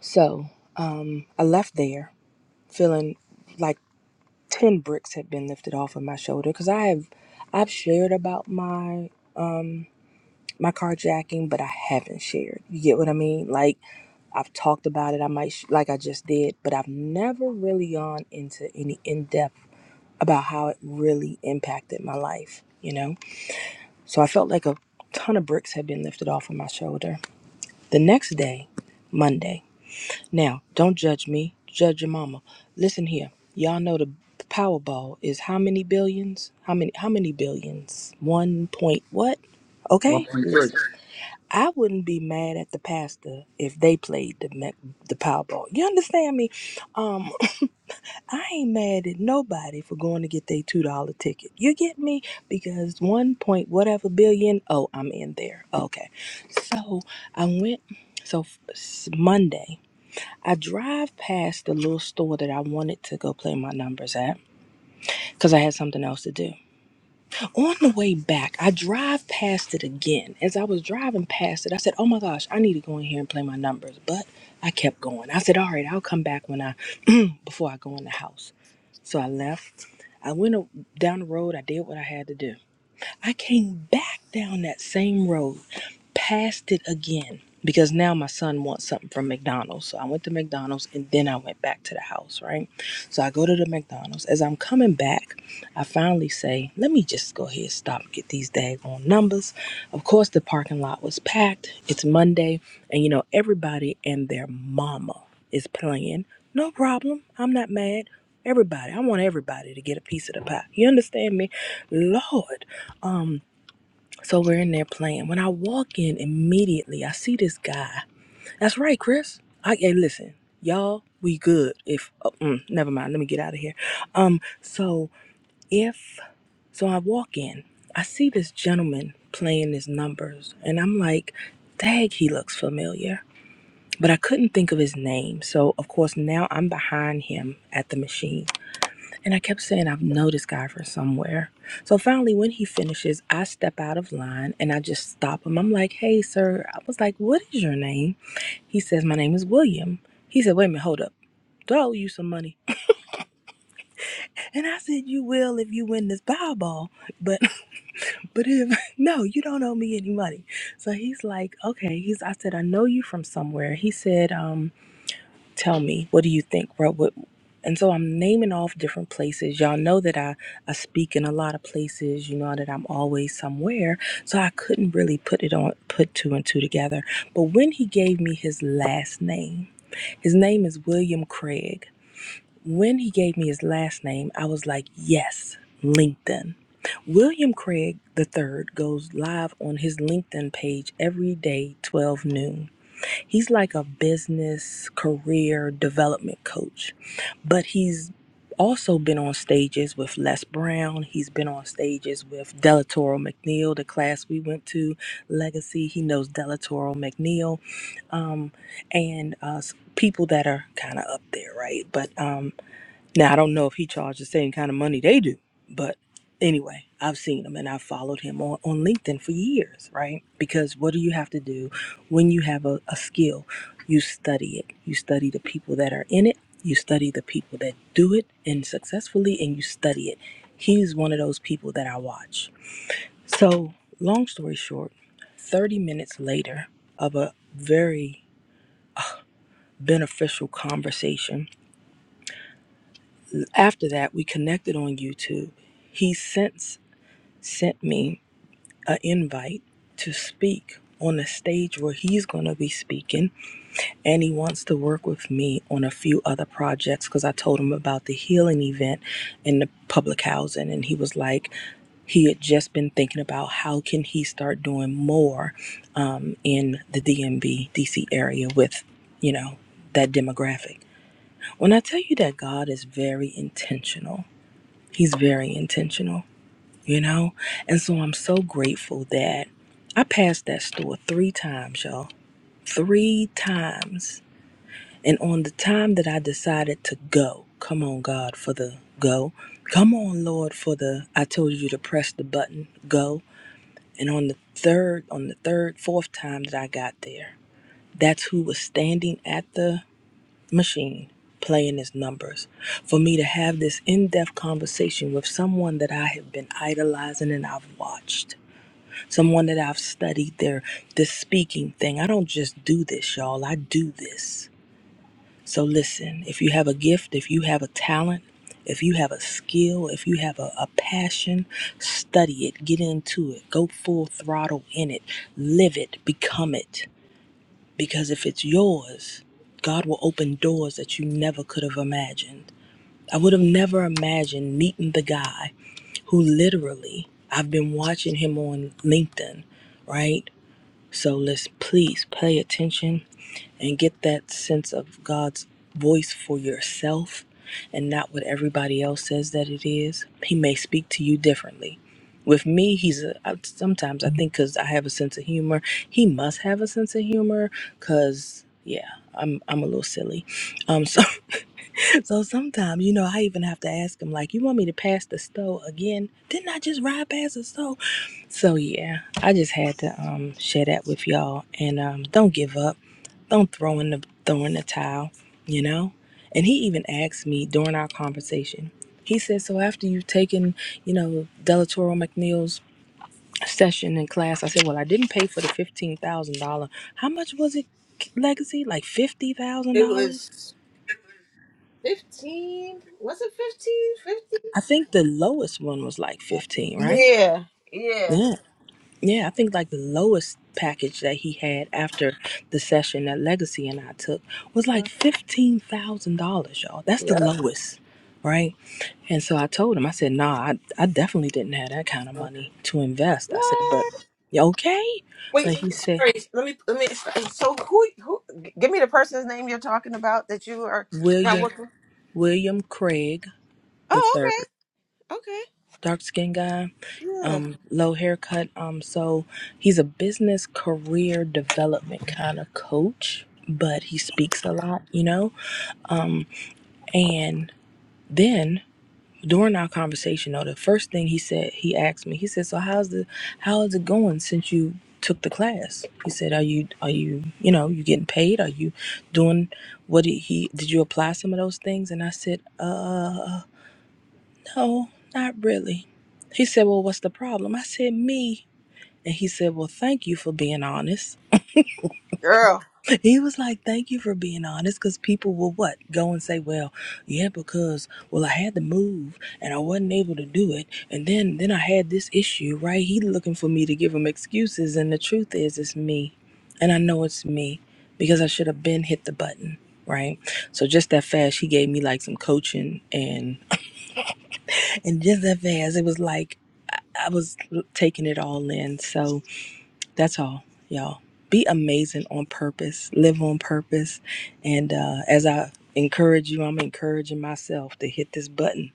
[SPEAKER 5] So um, I left there feeling like ten bricks had been lifted off of my shoulder because I have I've shared about my um my carjacking, but I haven't shared. You get what I mean? Like I've talked about it. I might sh- like I just did, but I've never really gone into any in depth about how it really impacted my life, you know? So I felt like a ton of bricks had been lifted off of my shoulder. The next day, Monday. Now, don't judge me, judge your mama. Listen here. Y'all know the Powerball is how many billions? How many how many billions? 1 point what?
[SPEAKER 4] One
[SPEAKER 5] Okay?
[SPEAKER 4] point three.
[SPEAKER 5] Listen. I wouldn't be mad at the pastor if they played the me- the Powerball. You understand me? Um. I ain't mad at nobody for going to get their two dollar ticket. You get me? Because one point whatever billion. Oh, I'm in there. Okay, so I went. So f- s- Monday, I drive past the little store that I wanted to go play my numbers at because I had something else to do. On the way back, I drive past it again. As I was driving past it, I said, "Oh my gosh, I need to go in here and play my numbers." But I kept going. I said, "All right, I'll come back when I before I go in the house." So I left. I went a- down the road. I did what I had to do. I came back down that same road, passed it again because now my son wants something from McDonald's. So I went to McDonald's and then I went back to the house, right? So I go to the McDonald's. As I'm coming back, I finally say, let me just go ahead and stop and get these daggone numbers. Of course, the parking lot was packed. It's Monday, and you know, everybody and their mama is playing. No problem. I'm not mad. Everybody, I want everybody to get a piece of the pie. You understand me? Lord. Um, so we're in there playing. When I walk in immediately, I see this guy. That's right, Chris. I hey, listen, y'all, we good. If oh, mm, never mind, let me get out of here. Um, so if so, I walk in. I see this gentleman playing his numbers, and I'm like, dang, he looks familiar." But I couldn't think of his name, so of course now I'm behind him at the machine. And I kept saying, I've known this guy from somewhere. So finally, when he finishes, I step out of line and I just stop him. I'm like, hey, sir. I was like, what is your name? He says, my name is William. He said, wait a minute, hold up. Do I owe you some money? And I said, you will if you win this Powerball. But, but if, no, you don't owe me any money. So he's like, okay. He's, I said, I know you from somewhere. He said, um, tell me what do you think bro what and so i'm naming off different places y'all know that i i speak in a lot of places you know that i'm always somewhere so i couldn't really put it on put two and two together but when he gave me his last name his name is william craig when he gave me his last name i was like yes linkedin William Craig III goes live on his LinkedIn page every day, 12 noon. He's like a business career development coach, but he's also been on stages with Les Brown. He's been on stages with Delatoro McNeil, the class we went to, Legacy. He knows Delatoro McNeil um, and uh, s- people that are kind of up there, right? But um, now I don't know if he charged the same kind of money they do, but anyway, I've seen him and I've followed him on, on LinkedIn for years, right? Because what do you have to do when you have a, a skill? You study it. You study the people that are in it. You study the people that do it and successfully and you study it. He's one of those people that I watch. So long story short, 30 minutes later of a very beneficial conversation, After that, we connected on YouTube. He since sent me an invite to speak on a stage where he's going to be speaking, and he wants to work with me on a few other projects because I told him about the healing event in the public housing, and he was like, he had just been thinking about how can he start doing more um, in the DMB DC area with, you know, that demographic. When I tell you that God is very intentional He's very intentional, you know? And so I'm so grateful that I passed that store three times, y'all. Three times. And on the time that I decided to go, come on, God, for the go. Come on, Lord, for the I told you to press the button, go. And on the third, on the third, fourth time that I got there, that's who was standing at the machine playing his numbers for me to have this in-depth conversation with someone that I have been idolizing and I've watched someone that I've studied their this speaking thing I don't just do this y'all I do this so listen if you have a gift if you have a talent if you have a skill if you have a, a passion study it get into it go full throttle in it live it become it because if it's yours, God will open doors that you never could have imagined. I would have never imagined meeting the guy who literally, I've been watching him on LinkedIn, right? So let's please pay attention and get that sense of God's voice for yourself and not what everybody else says that it is. He may speak to you differently. With me, he's a, I, sometimes I think because I have a sense of humor, he must have a sense of humor because yeah, I'm I'm a little silly. Um, so so sometimes you know I even have to ask him like, you want me to pass the stove again? Didn't I just ride past the stove? So yeah, I just had to um share that with y'all and um don't give up don't throw in the throw in the towel, you know? And he even asked me during our conversation. He said, So after you've taken, you know, Delatoro McNeil's session in class, I said, Well, I didn't pay for the fifteen thousand dollar. How much was it legacy? Like fifty thousand
[SPEAKER 1] It
[SPEAKER 5] dollars?
[SPEAKER 1] was 15. Was it 15? 15?
[SPEAKER 5] I think the lowest one was like fifteen, right?
[SPEAKER 1] Yeah. Yeah.
[SPEAKER 5] Yeah. Yeah, I think like the lowest package that he had after the session that Legacy and I took was like fifteen thousand dollars, y'all. That's the
[SPEAKER 1] Yeah.
[SPEAKER 5] lowest, right? And so I told him, I said, "Nah, I, I definitely didn't have that kind of money to invest." I said, "But you okay?"
[SPEAKER 1] Wait,
[SPEAKER 5] But he said,
[SPEAKER 1] sorry. Let me, let me, so who, who, give me the person's name you're talking about that you are not
[SPEAKER 5] "William
[SPEAKER 1] working.
[SPEAKER 5] William Craig the
[SPEAKER 1] Oh,
[SPEAKER 5] third."
[SPEAKER 1] okay. Okay.
[SPEAKER 5] dark skinned guy,
[SPEAKER 1] Yeah.
[SPEAKER 5] um, low haircut. Um, so he's a business career development kind of coach, but he speaks a lot, you know. And then during our conversation, though, the first thing he said, he asked me, he said, "So how's the how is it going since you?" took the class he said are you are you you know you getting paid are you doing what did he did you apply some of those things and i said uh no not really he said well what's the problem i said me And he said, Well, thank you for being honest.
[SPEAKER 1] Girl.
[SPEAKER 5] He was like, Thank you for being honest because people will what? Go and say, Well, yeah, because, well, I had to move and I wasn't able to do it. And then, then I had this issue, right? He looking for me to give him excuses. And the truth is, it's me. And I know it's me because I should have been hit the button. Right. So just that fast, he gave me like some coaching and, and just that fast, it was like I I was taking it all in. So, That's all, y'all. Be amazing on purpose, live on purpose. And uh, as I encourage you, I'm encouraging myself to hit this button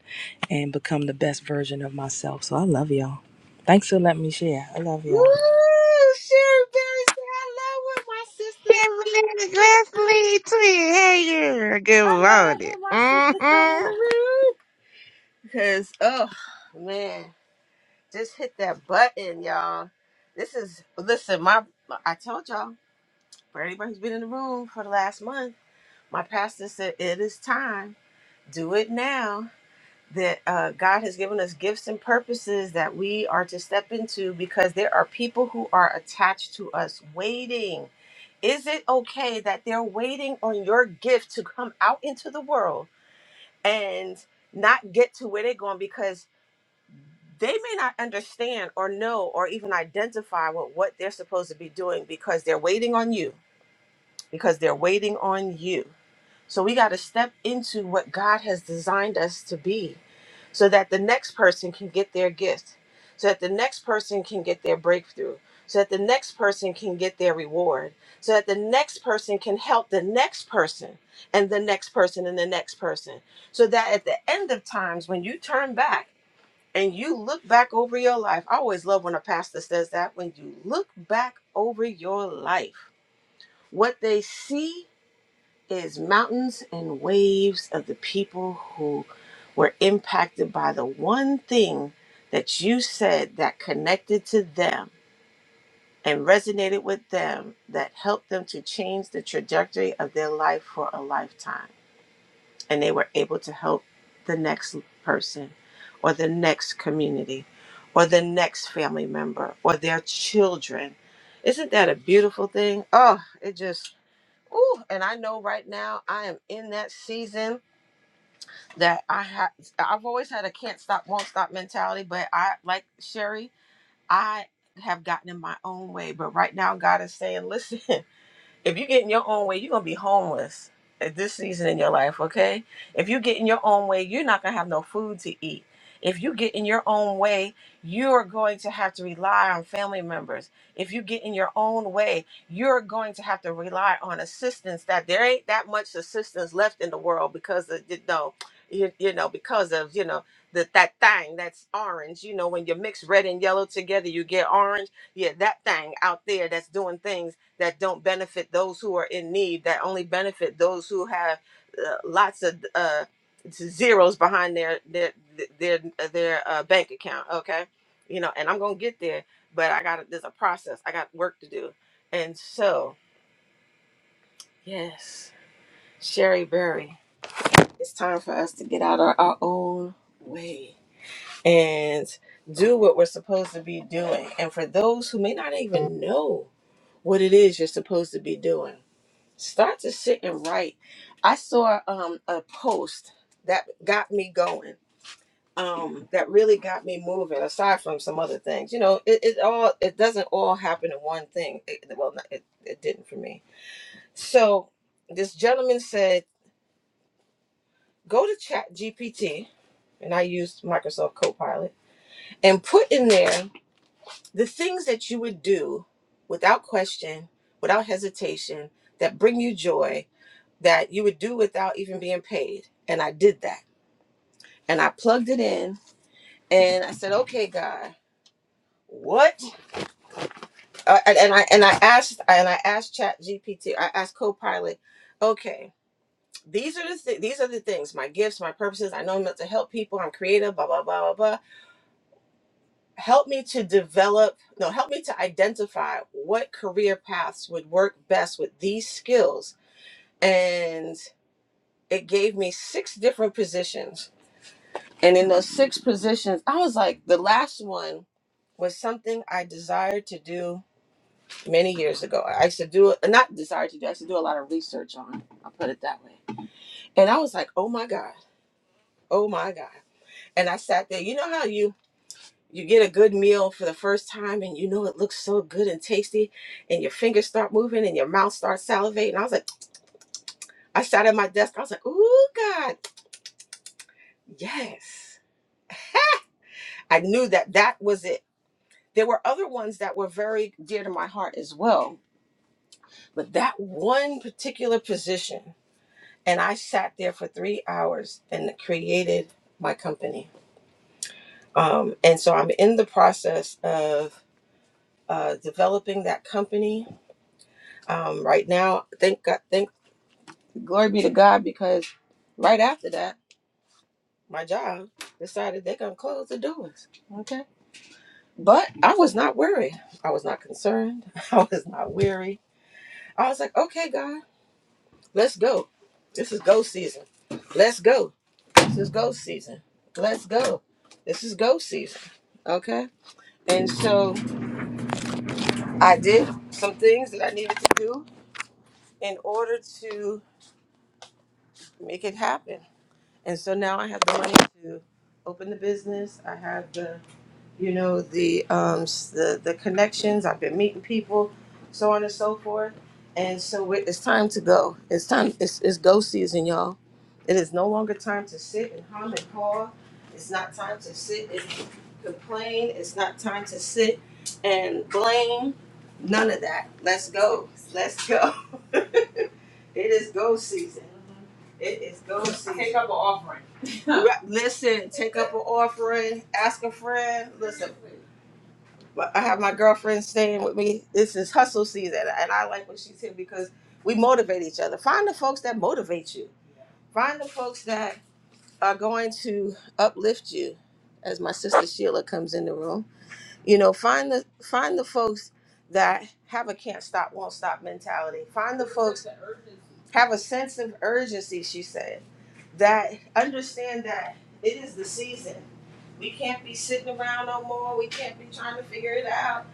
[SPEAKER 5] and become the best version of myself. So I love y'all. Thanks for letting me share. I love
[SPEAKER 1] Woo!
[SPEAKER 5] y'all.
[SPEAKER 1] Sherry Berry said, I love when my sister,
[SPEAKER 6] Kimberly Leslie Twin. Hey, yeah. Good
[SPEAKER 1] I love
[SPEAKER 6] morning.
[SPEAKER 1] when my sister come in
[SPEAKER 6] Mm-hmm.
[SPEAKER 1] the room. Because, oh, man. Just hit that button, y'all. This is listen, my I told y'all, for anybody who's been in the room for the last month, my pastor said it is time. Do it now. That uh, God has given us gifts and purposes that we are to step into because there are people who are attached to us waiting. Is it okay that they're waiting on your gift to come out into the world and not get to where they're going because they may not understand or know or even identify with what they're supposed to be doing because they're waiting on you, because they're waiting on you. So we got to step into what God has designed us to be so that the next person can get their gift, so that the next person can get their breakthrough, so that the next person can get their reward, so that the next person can help the next person and the next person and the next person. So that at the end of times, when you turn back, and you look back over your life. I always love when a pastor says that when you look back over your life, what they see is mountains and waves of the people who were impacted by the one thing that you said that connected to them and resonated with them that helped them to change the trajectory of their life for a lifetime and they were able to help the next person or the next community or the next family member or their children. Isn't that a beautiful thing? Oh, it just ooh, and I know right now I am in that season that I have I've always had a can't stop won't stop mentality, but I like Sherry, I have gotten in my own way, but right now God is saying, "Listen, If you get in your own way, you're gonna be homeless at this season in your life, okay? If you get in your own way, you're not gonna have no food to eat. If you get in your own way, you're going to have to rely on family members. If you get in your own way, you're going to have to rely on assistance that there ain't that much assistance left in the world because of you know, you, you know, because of, you know, the, that thing that's orange, you know, when you mix red and yellow together, you get orange. Yeah, that thing out there that's doing things that don't benefit those who are in need, that only benefit those who have uh, lots of uh, zeros behind their their their their uh, bank account. Okay, you know, and I'm gonna get there, but I got there's a process. I got work to do, and so yes, Sherry Berry, it's time for us to get out of our own way and do what we're supposed to be doing. And for those who may not even know what it is you're supposed to be doing Start to sit and write. I saw um, a post that got me going. Um, that really got me moving. Aside from some other things, you know, it, it all it doesn't all happen in one thing. It, well, not, it it didn't for me. So this gentleman said, go to Chat GPT, and I used Microsoft Copilot, and put in there the things that you would do without question, without hesitation, that bring you joy, that you would do without even being paid. And I did that. And I plugged it in and I said, okay, God, what? Uh, and, and I and I asked and I asked Chat GPT, I asked Copilot, okay, these are the th- these are the things, my gifts, my purposes. I know I'm meant to help people. I'm creative, blah blah blah blah blah. Help me to develop, no, help me to identify what career paths would work best with these skills. And it gave me six different positions And in those six positions, I was like, the last one was something I desired to do many years ago. I used to do it, not desired to do, I used to do a lot of research on it. I'll put it that way. And I was like, oh my God, oh my God. And I sat there, you know how you you get a good meal for the first time and you know it looks so good and tasty and your fingers start moving and your mouth starts salivating. I was like, I sat at my desk, I was like, ooh God, yes. I knew that that was it There were other ones that were very dear to my heart as well, but that one particular position, and I sat there for three hours and created my company. Um, and so I'm in the process of uh, developing that company um, right now. Thank God, thank glory be to God, because right after that, my job decided they're gonna close the doors. Okay, but I was not worried. I was not concerned. I was not weary. I was like, okay, God. Let's go. This is go season. Let's go. This is go season. Let's go. This is go season. Okay? And so I did some things that I needed to do in order to make it happen. And so now I have the money to open the business. I have the you know the um s- the the connections i've been meeting people so on and so forth and so we- it's time to go it's time it's, it's go season y'all it is no longer time to sit and hum and haw it's not time to sit and complain it's not time to sit and blame none of that let's go let's go it is go season it is go season. Take up a- Ra- Listen, take up an offering, ask a friend. Listen, but I have my girlfriend staying with me. This is hustle season, and I like what she's here because we motivate each other. Find the folks that motivate you. Find the folks that are going to uplift you. As my sister Sheila comes in the room, you know, find the find the folks that have a can't stop, won't stop mentality. Find the folks have a sense of urgency. She said that understand that it is the season. We can't be sitting around no more. We can't be trying to figure it out.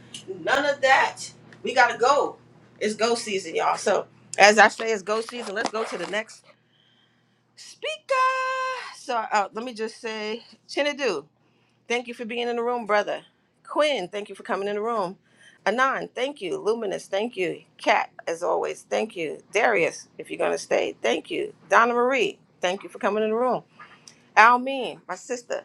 [SPEAKER 1] None of that. We gotta go. It's go season, y'all. So as I say, it's go season. Let's go to the next speaker. So uh, let me just say, Chinadu, thank you for being in the room, brother. Quinn, thank you for coming in the room. Anon, thank you. Luminous, thank you. Kat, as always, thank you. Darius, if you're gonna stay, thank you. Donna Marie, thank you for coming in the room. Almin, my sister,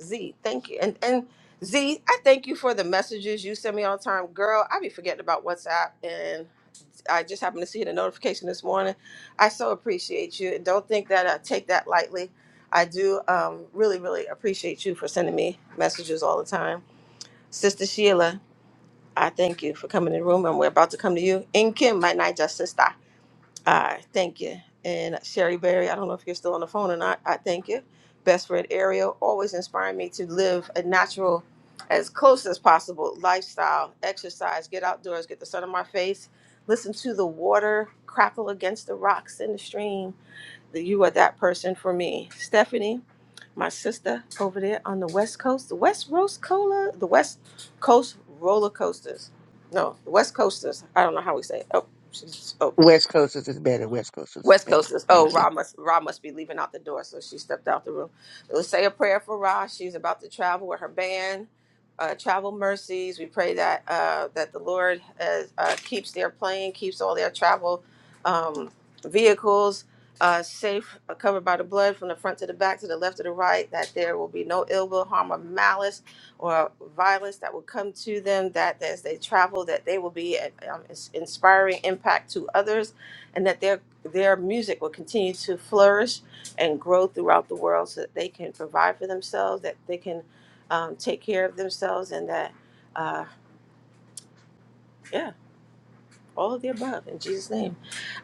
[SPEAKER 1] Z, thank you. And and Z, I thank you for the messages you send me all the time. Girl, I be forgetting about WhatsApp and I just happened to see the notification this morning. I so appreciate you. and Don't think that I take that lightly. I do um, really, really appreciate you for sending me messages all the time. Sister Sheila, I thank you for coming in the room and we're about to come to you. and Kim, my night, sister. All right, thank you. And Sherry Berry, I don't know if you're still on the phone or not. I thank you. Best friend Ariel always inspired me to live a natural, as close as possible lifestyle, exercise, get outdoors, get the sun on my face, listen to the water crackle against the rocks in the stream. That you are that person for me. Stephanie, my sister over there on the West Coast, the West Coast Cola, the West Coast roller coasters. No, the West Coasters. I don't know how we say it. Oh, she's, oh
[SPEAKER 6] West Coasters is better. West Coasters is
[SPEAKER 1] West
[SPEAKER 6] better.
[SPEAKER 1] Coasters, oh
[SPEAKER 6] Thank you.
[SPEAKER 1] Ra must Ra must be leaving out the door, so she stepped out the room. Let's say a prayer for Ra. She's about to travel with her band. Uh, travel mercies. We pray that uh, that the Lord has, uh, keeps their plane, keeps all their travel um, vehicles uh, safe, uh, covered by the blood from the front to the back, to the left to the right. That there will be no ill will, harm, or malice, or violence that will come to them. That as they travel, that they will be an um, ins- inspiring impact to others and that their their music will continue to flourish and grow throughout the world so that they can provide for themselves, that they can um, take care of themselves, and that, uh, yeah, all of the above in Jesus' name.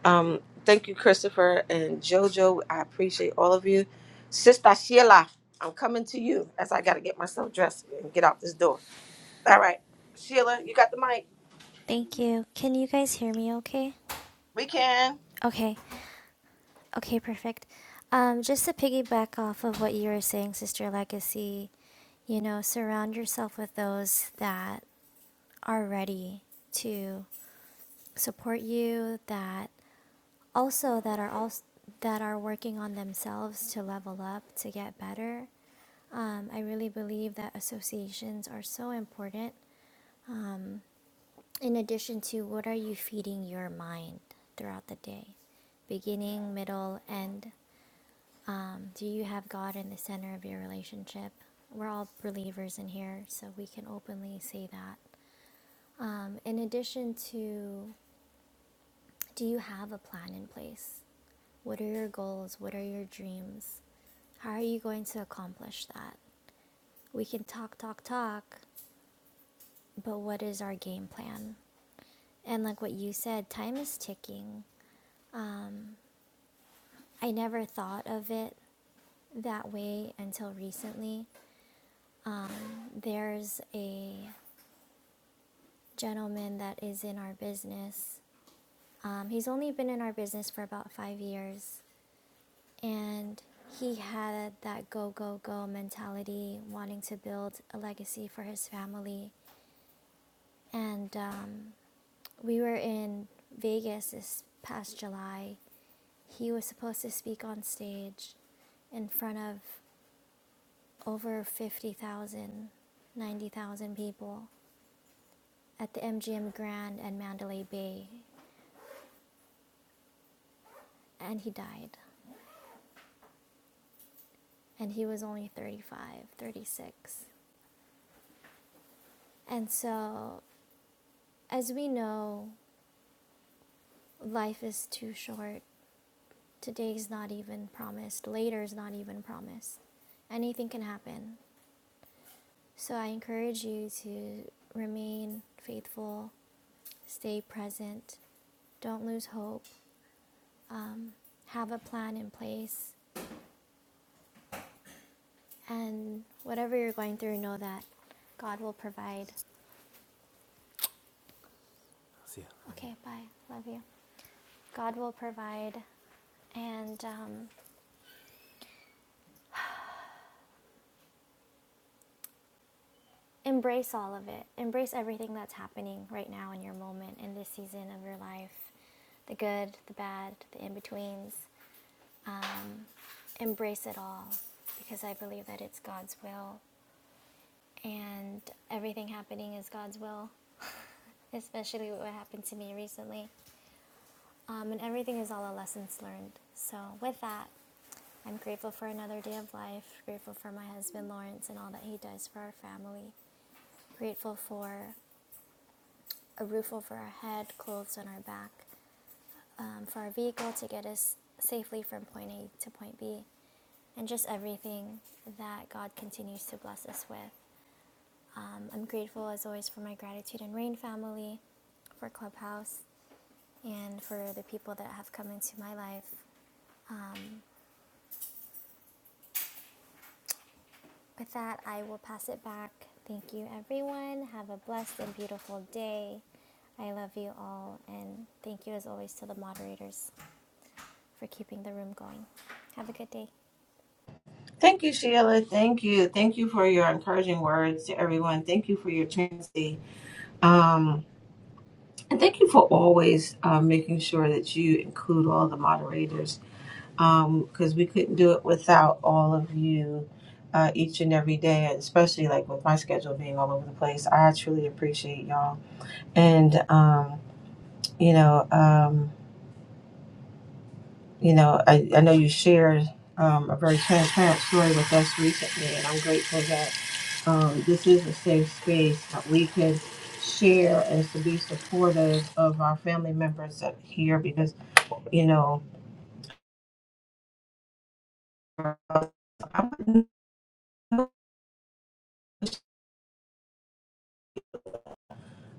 [SPEAKER 1] Um, thank you, Christopher and JoJo. I appreciate all of you. Sister Sheila, I'm coming to you as I got to get myself dressed and get out this door. All right, Sheila, you got the mic.
[SPEAKER 7] Thank you. Can you guys hear me okay?
[SPEAKER 1] We can.
[SPEAKER 7] Okay. Okay, perfect. Um, just to piggyback off of what you were saying, Sister Legacy, you know, surround yourself with those that are ready to support you, that also that are also that are working on themselves to level up, to get better. Um, I really believe that associations are so important. In addition to what are you feeding your mind throughout the day? beginning, middle, end. Um, do you have God in the center of your relationship? We're all believers in here, so we can openly say that. Um, in addition to, do you have a plan in place? What are your goals? What are your dreams? How are you going to accomplish that? We can talk, talk, talk, but what is our game plan? And like what you said, time is ticking. I never thought of it that way until recently. There's a gentleman that is in our business. Um, he's only been in our business for about five years, and he had that go, go, go mentality, wanting to build a legacy for his family. And um, we were in Vegas this past July. He was supposed to speak on stage in front of over 50,000, 90,000 people at the MGM Grand and Mandalay Bay, and he died. and he was only 35, 36, And so, as we know, life is too short. Today's not even promised, later's not even promised. Anything can happen. So, I encourage you to remain faithful, stay present, don't lose hope, have a plan in place, and whatever you're going through, know that God will provide. Okay, bye. Love you. God will provide, and um, embrace all of it. Embrace everything that's happening right now in your moment, in this season of your life the good, the bad, the in betweens. Embrace it all because I believe that it's God's will and everything happening is God's will, especially what happened to me recently. Um, and everything is all a lessons learned. So, with that, I'm grateful for another day of life, grateful for my husband Lawrence and all that he does for our family, grateful for a roof over our head, clothes on our back, um, for our vehicle to get us safely from point A to point B, and just everything that God continues to bless us with. Um, I'm grateful, as always, for my Gratitude and Rain family, for Clubhouse, and for the people that have come into my life. Um, with that, I will pass it back. Thank you, everyone. Have a blessed and beautiful day. I love you all, and thank you, as always, to the moderators for keeping the room going. Have a good day.
[SPEAKER 1] Thank you, Sheila. Thank you. Thank you for your encouraging words to everyone. Thank you for your transparency. Um, And thank you for always uh, making sure that you include all the moderators because we couldn't do it without all of you uh, each and every day, and especially like with my schedule being all over the place. I truly appreciate y'all. And, um, you know, um, you know, I, I know you shared um, a very transparent story with us recently, and I'm grateful that um, this is a safe space that we can share and to be supportive of our family members up here because you know, I wouldn't, know-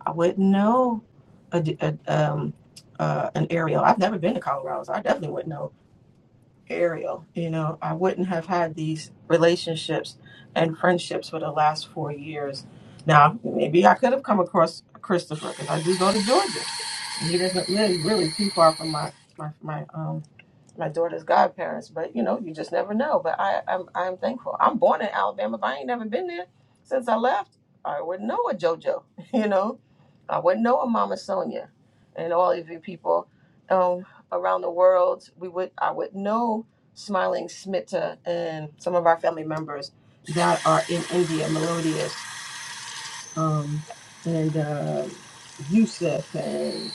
[SPEAKER 1] I wouldn't know a, d- a- um, uh, an area. I've never been to Colorado, so I definitely wouldn't know Ariel. You know, I wouldn't have had these relationships and friendships for the last four years. Now, maybe I could have come across Christopher because I do go to Georgia. And he doesn't live really too far from my my my um my daughter's godparents. But you know, you just never know. But I I'm, I'm thankful. I'm born in Alabama, but I ain't never been there since I left. I wouldn't know a JoJo. You know, I wouldn't know a Mama Sonia, and all of you people. Um, around the world. We would I would know Smiling Smitta and some of our family members that are in India, Melodious, um, and uh, Yusuf, and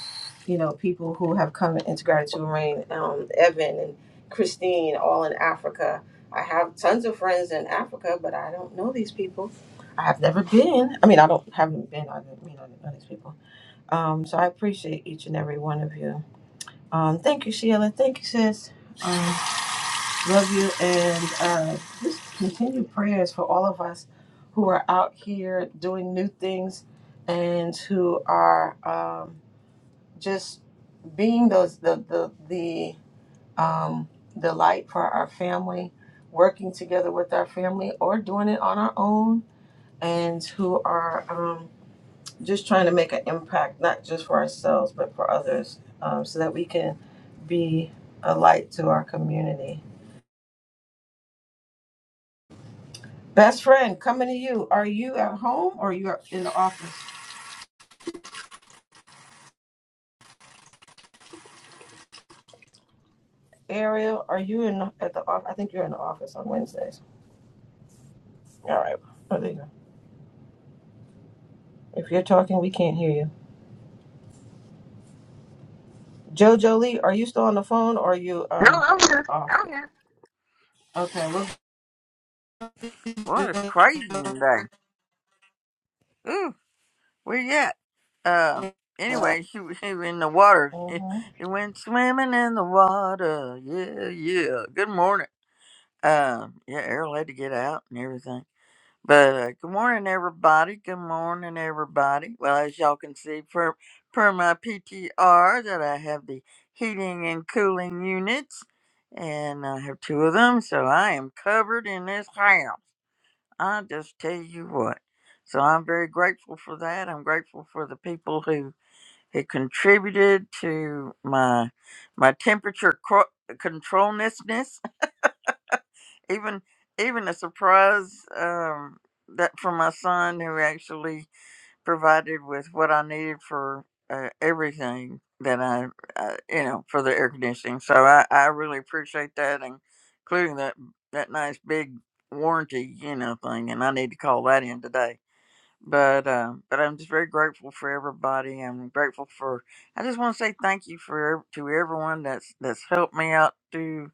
[SPEAKER 1] you know people who have come into Gratitude and Rain, um, Evan and Christine, all in Africa. I have tons of friends in Africa, but I don't know these people. I have never been. I mean, I don't haven't been. I didn't mean I didn't know these people. Um, so I appreciate each and every one of you. Um, thank you, Sheila. Thank you, sis. Um, love you. And uh, just continue prayers for all of us who are out here doing new things and who are um, just being those the the the um, the light for our family, working together with our family, or doing it on our own, and who are. um, just trying to make an impact, not just for ourselves, but for others, um, so that we can be a light to our community. Best friend, coming to you. Are you at home or you are you in the office? Ariel, are you in at the office? I think you're in the office on Wednesdays. All right. Oh, there you go. If you're talking, we can't hear you. Jojo Lee, are you still on the phone or are you
[SPEAKER 8] No,
[SPEAKER 1] um
[SPEAKER 8] I'm here.
[SPEAKER 1] off?
[SPEAKER 8] I'm here.
[SPEAKER 1] Okay. Well,
[SPEAKER 8] Well, it's crazy today. Ooh, where you at? Uh, anyway, she was she was in the water. She,
[SPEAKER 1] mhm.
[SPEAKER 8] she went swimming in the water. Yeah, yeah. Good morning. Uh, yeah, Errol had to get out and everything. But uh, good morning, everybody. Good morning, everybody. Well, as y'all can see, per, per my PTR, that I have the heating and cooling units, and I have two of them, so I am covered in this house. I just tell you what. So I'm very grateful for that. I'm grateful for the people who had contributed to my my temperature cro- controlnessness. Even even a surprise um, that from my son who actually provided with what I needed for uh, everything that I, I you know for the air conditioning. So I, I really appreciate that, and including that that nice big warranty, you know, thing, and I need to call that in today but um, but I'm just very grateful for everybody. I'm grateful for. I just want to say thank you for to everyone that's that's helped me out through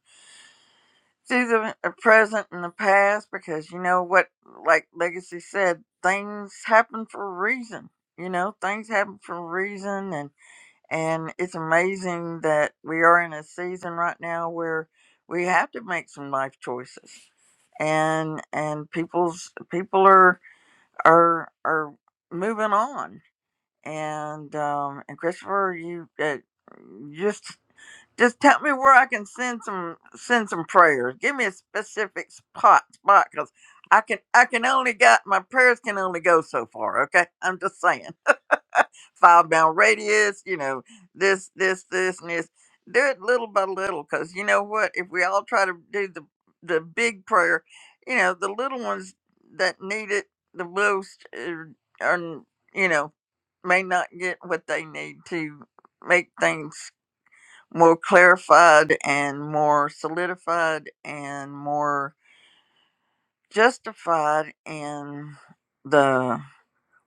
[SPEAKER 8] through the uh, present and the past because you know what, like Legacy said, things happen for a reason. You know, things happen for a reason, and and it's amazing that we are in a season right now where we have to make some life choices, and and people's people are are are moving on and um and Christopher, you uh, just just tell me where I can send some send some prayers. Give me a specific spot spot because I can I can only got my prayers can only go so far. Okay, I'm just saying five mile radius. You know this this this and this. Do it little by little because you know what? If we all try to do the the big prayer, you know the little ones that need it the most uh, are you know may not get what they need to make things more clarified and more solidified and more justified in the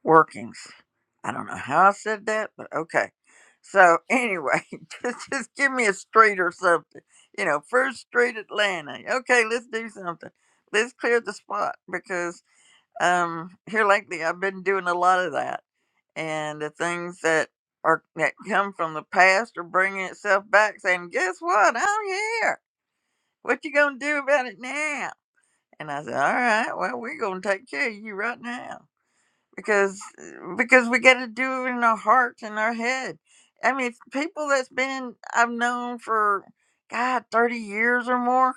[SPEAKER 8] workings. I don't know how I said that, but okay. So anyway, just just give me a street or something. You know, First Street Atlanta. Okay, let's do something. Let's clear the spot because um here lately i've been doing a lot of that and the things that are that come from the past are bringing itself back saying guess what i'm here what you gonna do about it now and i said all right well we're gonna take care of you right now because uh, because we got to do it in our hearts and our head i mean people that's been i've known for god 30 years or more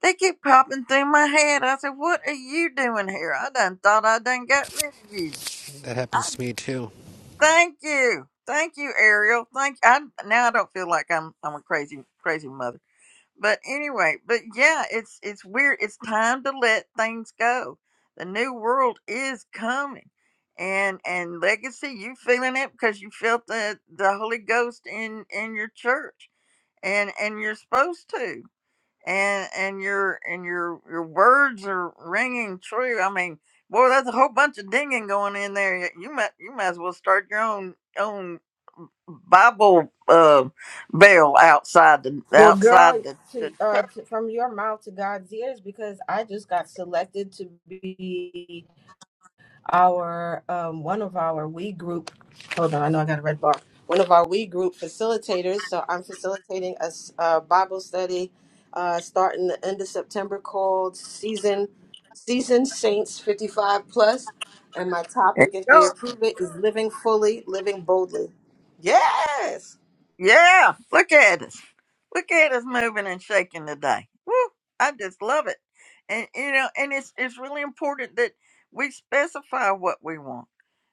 [SPEAKER 8] they keep popping through my head. I said, "What are you doing here? I done thought I done got rid of you."
[SPEAKER 9] That
[SPEAKER 8] I,
[SPEAKER 9] happens to me too.
[SPEAKER 8] thank you, thank you, Ariel. Thank I now I don't feel like I'm I'm a crazy crazy mother. But anyway, but yeah, it's it's weird. It's time to let things go. The new world is coming, and and legacy. You feeling it because you felt the the Holy Ghost in in your church, and and you're supposed to and and your and your your words are ringing true. I mean, boy, that's a whole bunch of dinging going in there. Y- You might you might as well start your own own Bible uh, bell outside the
[SPEAKER 1] well
[SPEAKER 8] outside
[SPEAKER 1] girl,
[SPEAKER 8] the. the
[SPEAKER 1] to, uh, to, from your mouth to God's ears, because I just got selected to be our um, one of our we group hold on i know i got a red bar one of our we group facilitators so i'm facilitating a, s- a bible study uh, starting the end of september called season season saints 55 plus and my topic
[SPEAKER 8] There
[SPEAKER 1] if
[SPEAKER 8] you go.
[SPEAKER 1] they approve it is living fully living boldly yes
[SPEAKER 8] yeah, look at us, look at us moving and shaking today. Woo, I just love it, and you know, and it's it's really important that we specify what we want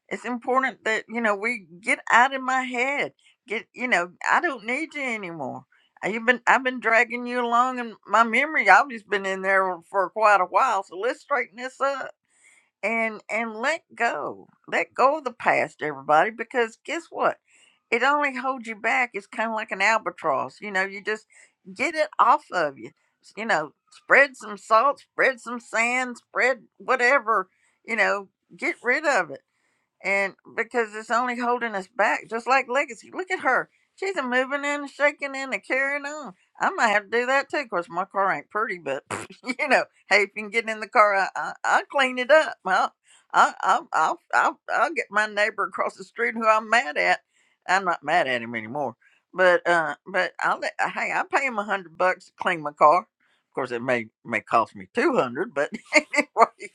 [SPEAKER 8] it's important that you know we get out of my head get you know i don't need you anymore Uh, you've been i've been dragging you along in my memory i've just been in there for quite a while so let's straighten this up and and let go let go of the past everybody because guess what it only holds you back it's kind of like an albatross you know you just get it off of you you know spread some salt spread some sand spread whatever you know get rid of it and because it's only holding us back, just like legacy. Look at her; she's a moving in, and shaking in, and carrying on. I might have to do that too. Of course, my car ain't pretty, but you know, hey, if you can get in the car, I, I, I'll clean it up. I'll, I, I'll, I'll, I'll, I'll get my neighbor across the street who I'm mad at. I'm not mad at him anymore, but uh, but I'll let, uh, hey, I'll pay him a hundred bucks to clean my car. Of course, it may may cost me two hundred, but anyway,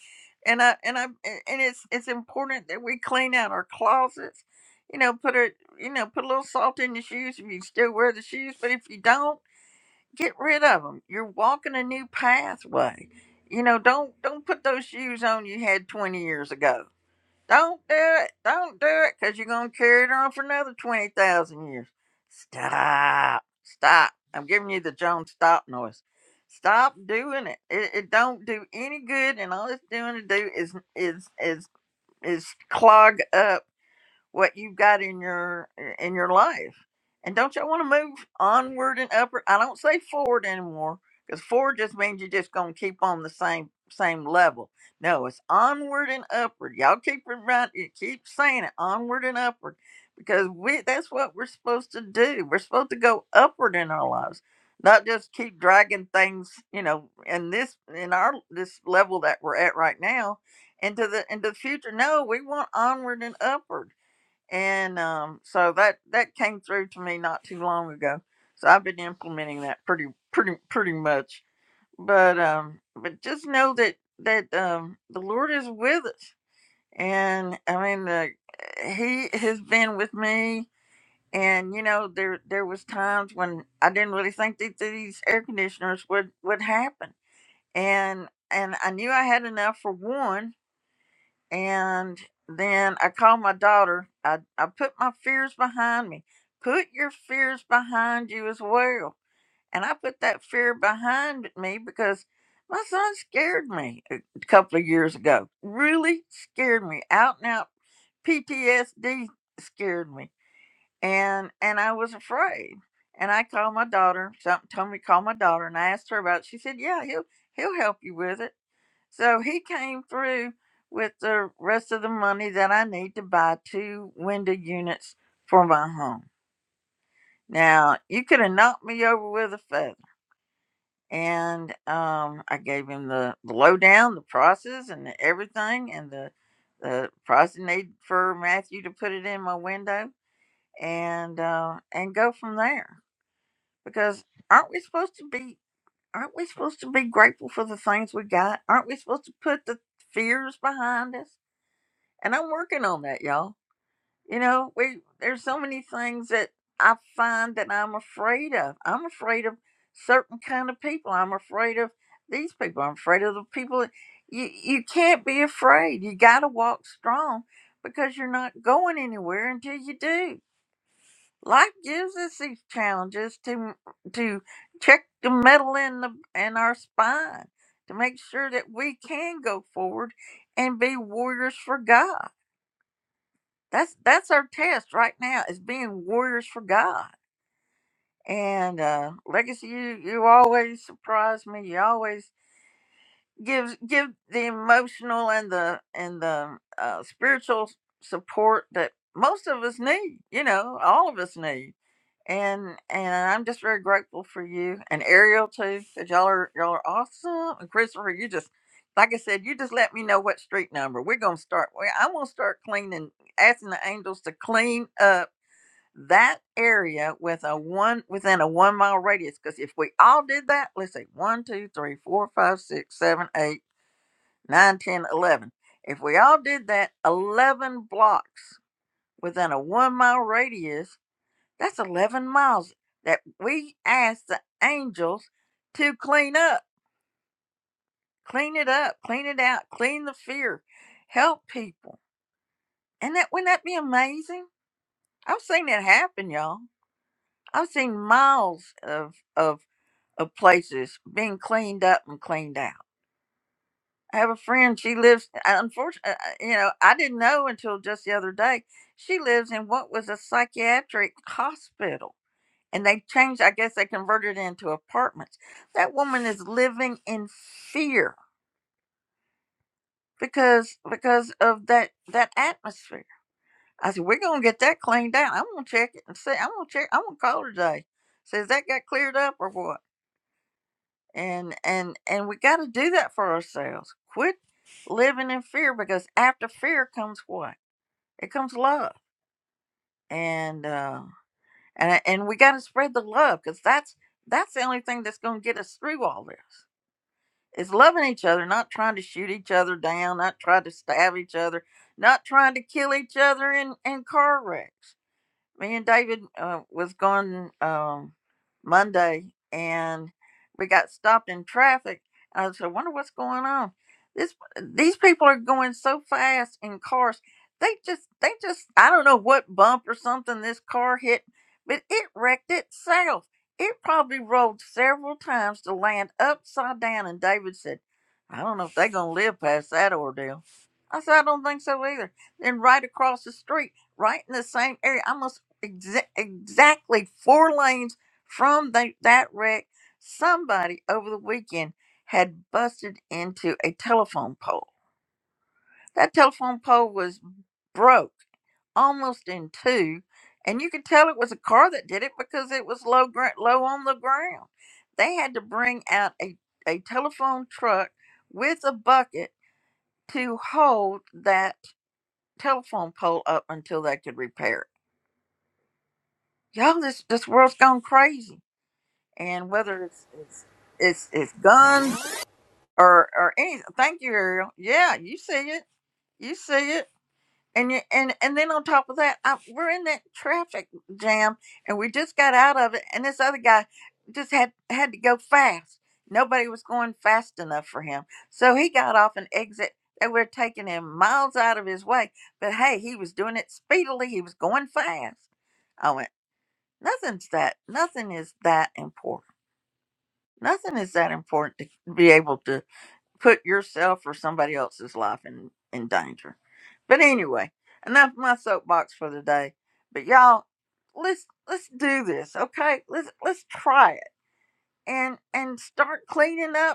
[SPEAKER 8] and I and I and it's it's important that we clean out our closets. You know, put a you know put a little salt in your shoes if you still wear the shoes, but if you don't, get rid of them. You're walking a new pathway. You know, don't don't put those shoes on you had 20 years ago don't do it. Don't do it because you're going to carry it on for another 20,000 years. Stop. Stop. I'm giving you the John Stop noise. Stop doing it. It, it don't do any good, and all it's doing to do is is is is clog up what you've got in your in your life. And don't y'all want to move onward and upward? I don't say forward anymore because forward just means you're just gonna keep on the same same level. No, it's onward and upward. Y'all keep remind, you keep saying it, onward and upward, because we that's what we're supposed to do. We're supposed to go upward in our lives, not just keep dragging things, you know, in this in our this level that we're at right now into the into the future. No, we want onward and upward and um, so that that came through to me not too long ago. So I've been implementing that pretty pretty pretty much. But um, but just know that that um, the Lord is with us, and I mean the, He has been with me. And you know there there was times when I didn't really think that these air conditioners would would happen, and and I knew I had enough for one, and then I called my daughter. I, I put my fears behind me. Put your fears behind you as well. And I put that fear behind me because my son scared me a couple of years ago. Really scared me. Out and out PTSD scared me. And and I was afraid. And I called my daughter. Something told me to call my daughter and I asked her about it. She said, Yeah, he'll he'll help you with it. So he came through with the rest of the money that I need to buy two window units for my home. Now, you could have knocked me over with a feather. And um, I gave him the, the lowdown, the prices, and the everything, and the, the price he needed for Matthew to put it in my window, and uh, and go from there. Because aren't we supposed to be aren't we supposed to be grateful for the things we got? Aren't we supposed to put the fears behind us? and I'm working on that, y'all. You know, we there's so many things that I find that I'm afraid of. I'm afraid of certain kind of people. I'm afraid of these people. I'm afraid of the people. that- You you can't be afraid. You got to walk strong because you're not going anywhere until you do. Life gives us these challenges to to check the metal in the in our spine to make sure that we can go forward and be warriors for God that's that's our test right now is being warriors for god and uh legacy you you always surprise me you always give give the emotional and the and the uh, spiritual support that most of us need you know all of us need and and i'm just very grateful for you and ariel too 'cause y'all are y'all are awesome and christopher you just like i said you just let me know what street number we're gonna start we- i'm gonna start cleaning asking the angels to clean up that area with a one within a one mile radius. Because if we all did that, let's see, one, two, three, four, five, six, seven, eight, nine, ten, eleven. If we all did that, eleven blocks within a one mile radius, that's eleven miles that we asked the angels to clean up, clean it up, clean it out, clean the fear, help people. And that wouldn't that be amazing? I've seen it happen, y'all. I've seen miles of of of places being cleaned up and cleaned out. I have a friend, she lives, unfortunately, you know, I didn't know until just the other day, she lives in what was a psychiatric hospital. And they changed, I guess they converted it into apartments. That woman is living in fear because because of that that atmosphere. I said, We're gonna get that cleaned out. I'm gonna check it and see I'm gonna check I'm gonna call her today. Says that got cleared up or what? and and and we got to do that for ourselves quit living in fear because after fear comes what it comes love and uh and and we got to spread the love because that's that's the only thing that's going to get us through all this is loving each other not trying to shoot each other down not trying to stab each other not trying to kill each other in in car wrecks me and David uh, was going um, Monday, and we got stopped in traffic. I said, "I "Wonder what's going on." This these people are going so fast in cars. They just they just I don't know what bump or something this car hit, but it wrecked itself. It probably rolled several times to land upside down. And David said, "I don't know if they're gonna live past that ordeal." I said, "I don't think so either." Then right across the street right in the same area. I must exa- exactly four lanes from the, that wreck, somebody over the weekend had busted into a telephone pole. That telephone pole was broke almost in two, and you could tell it was a car that did it because it was low gr- low on the ground. They had to bring out a, a telephone truck with a bucket to hold that telephone pole up until they could repair it. Y'all, this, this world's gone crazy and whether it's it's it's, it's guns or or any. Thank you, Ariel. Yeah, you see it. You see it. And you, and and then on top of that, I, we're in that traffic jam, and we just got out of it. And this other guy just had had to go fast. Nobody was going fast enough for him, so he got off an exit that we're taking him miles out of his way. But hey, he was doing it speedily. He was going fast. I went, nothing's that, nothing is that important Nothing is that important to be able to put yourself or somebody else's life in, in danger. But anyway, enough of my soapbox for the day. But y'all, let's let's do this, okay? Let's let's try it and and start cleaning up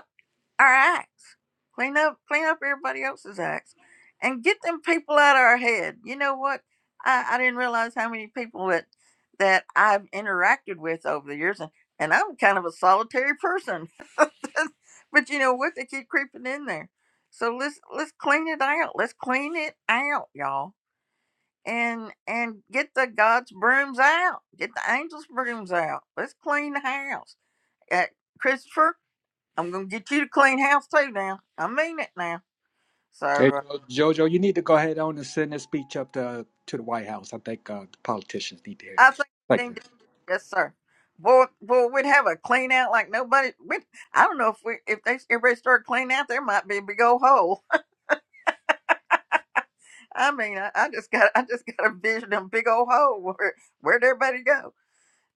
[SPEAKER 8] our acts. Clean up, clean up everybody else's acts, and get them people out of our head. You know what? I, I didn't realize how many people that that I've interacted with over the years, and and I'm kind of a solitary person. but you know what? They keep creeping in there. So let's let's clean it out. Let's clean it out, y'all. And and get the God's brooms out. Get the angels' brooms out. Let's clean the house. Uh, Christopher. I'm gonna get you to clean house too now. I mean it now. So
[SPEAKER 4] Hey,
[SPEAKER 8] uh,
[SPEAKER 4] Jo- Jojo, you need to go ahead on and send this speech up to to the White House. I think uh, the politicians need to hear
[SPEAKER 8] I
[SPEAKER 4] this.
[SPEAKER 8] think we
[SPEAKER 4] Thank you.
[SPEAKER 8] need to, yes, sir. Boy, boy, we'd have a clean out like nobody. We, I don't know if we, if they, everybody started cleaning out, there might be a big old hole. I mean, I, I just got, I just got a vision of a big old hole. Where, where'd everybody go?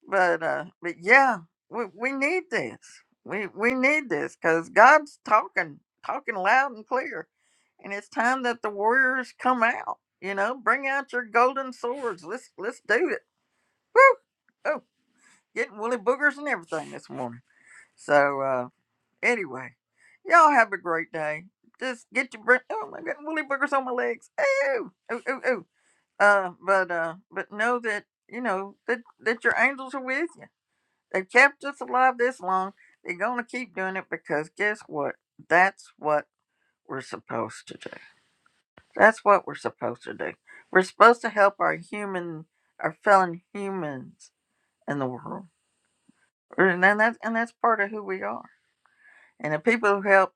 [SPEAKER 8] But, uh, but yeah, we, we need this. We, we need this because God's talking, talking loud and clear and it's time that the warriors come out. You know, bring out your golden swords. Let's let's do it. Woo! Oh, getting woolly boogers and everything this morning. So uh, anyway, y'all have a great day. Just get your brain. Oh, I'm getting woolly boogers on my legs. Ooh, ooh, ooh, ooh. Uh, but uh, but know that you know that that your angels are with you. They kept us alive this long. They're gonna keep doing it because guess what? That's what we're supposed to do. That's what we're supposed to do. We're supposed to help our human, our fellow humans in the world, and then that's and that's part of who we are. And the people who help,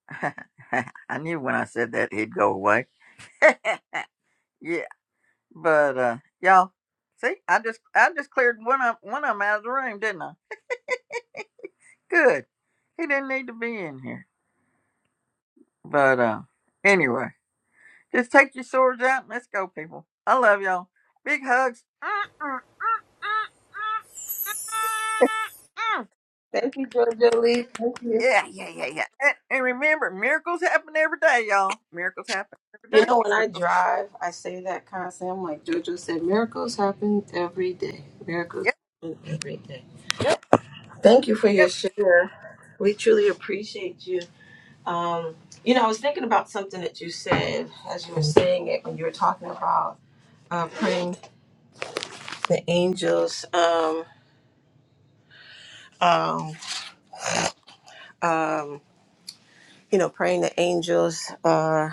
[SPEAKER 8] I knew when I said that he'd go away. yeah, but uh, y'all, see, I just I just cleared one of one of them out of the room, didn't I? Good. He didn't need to be in here. But uh, anyway, just take your swords out and let's go, people. I love y'all. Big hugs. Mm.
[SPEAKER 1] thank you jojo lee thank you
[SPEAKER 8] Yeah, yeah, yeah, yeah. And, and remember, miracles happen every day, y'all. Miracles happen every
[SPEAKER 1] you
[SPEAKER 8] day.
[SPEAKER 1] know when i
[SPEAKER 8] Miracles.
[SPEAKER 1] drive i say that constantly i'm like jojo said miracles happen every day miracles
[SPEAKER 8] Yep,
[SPEAKER 1] happen every day
[SPEAKER 8] yep,
[SPEAKER 1] Thank you for your
[SPEAKER 8] yep.
[SPEAKER 1] share. We truly appreciate you. Um, you know, I was thinking about something that you said as you were saying it when you were talking about uh, praying the angels. Um, um, um, you know, praying the angels uh,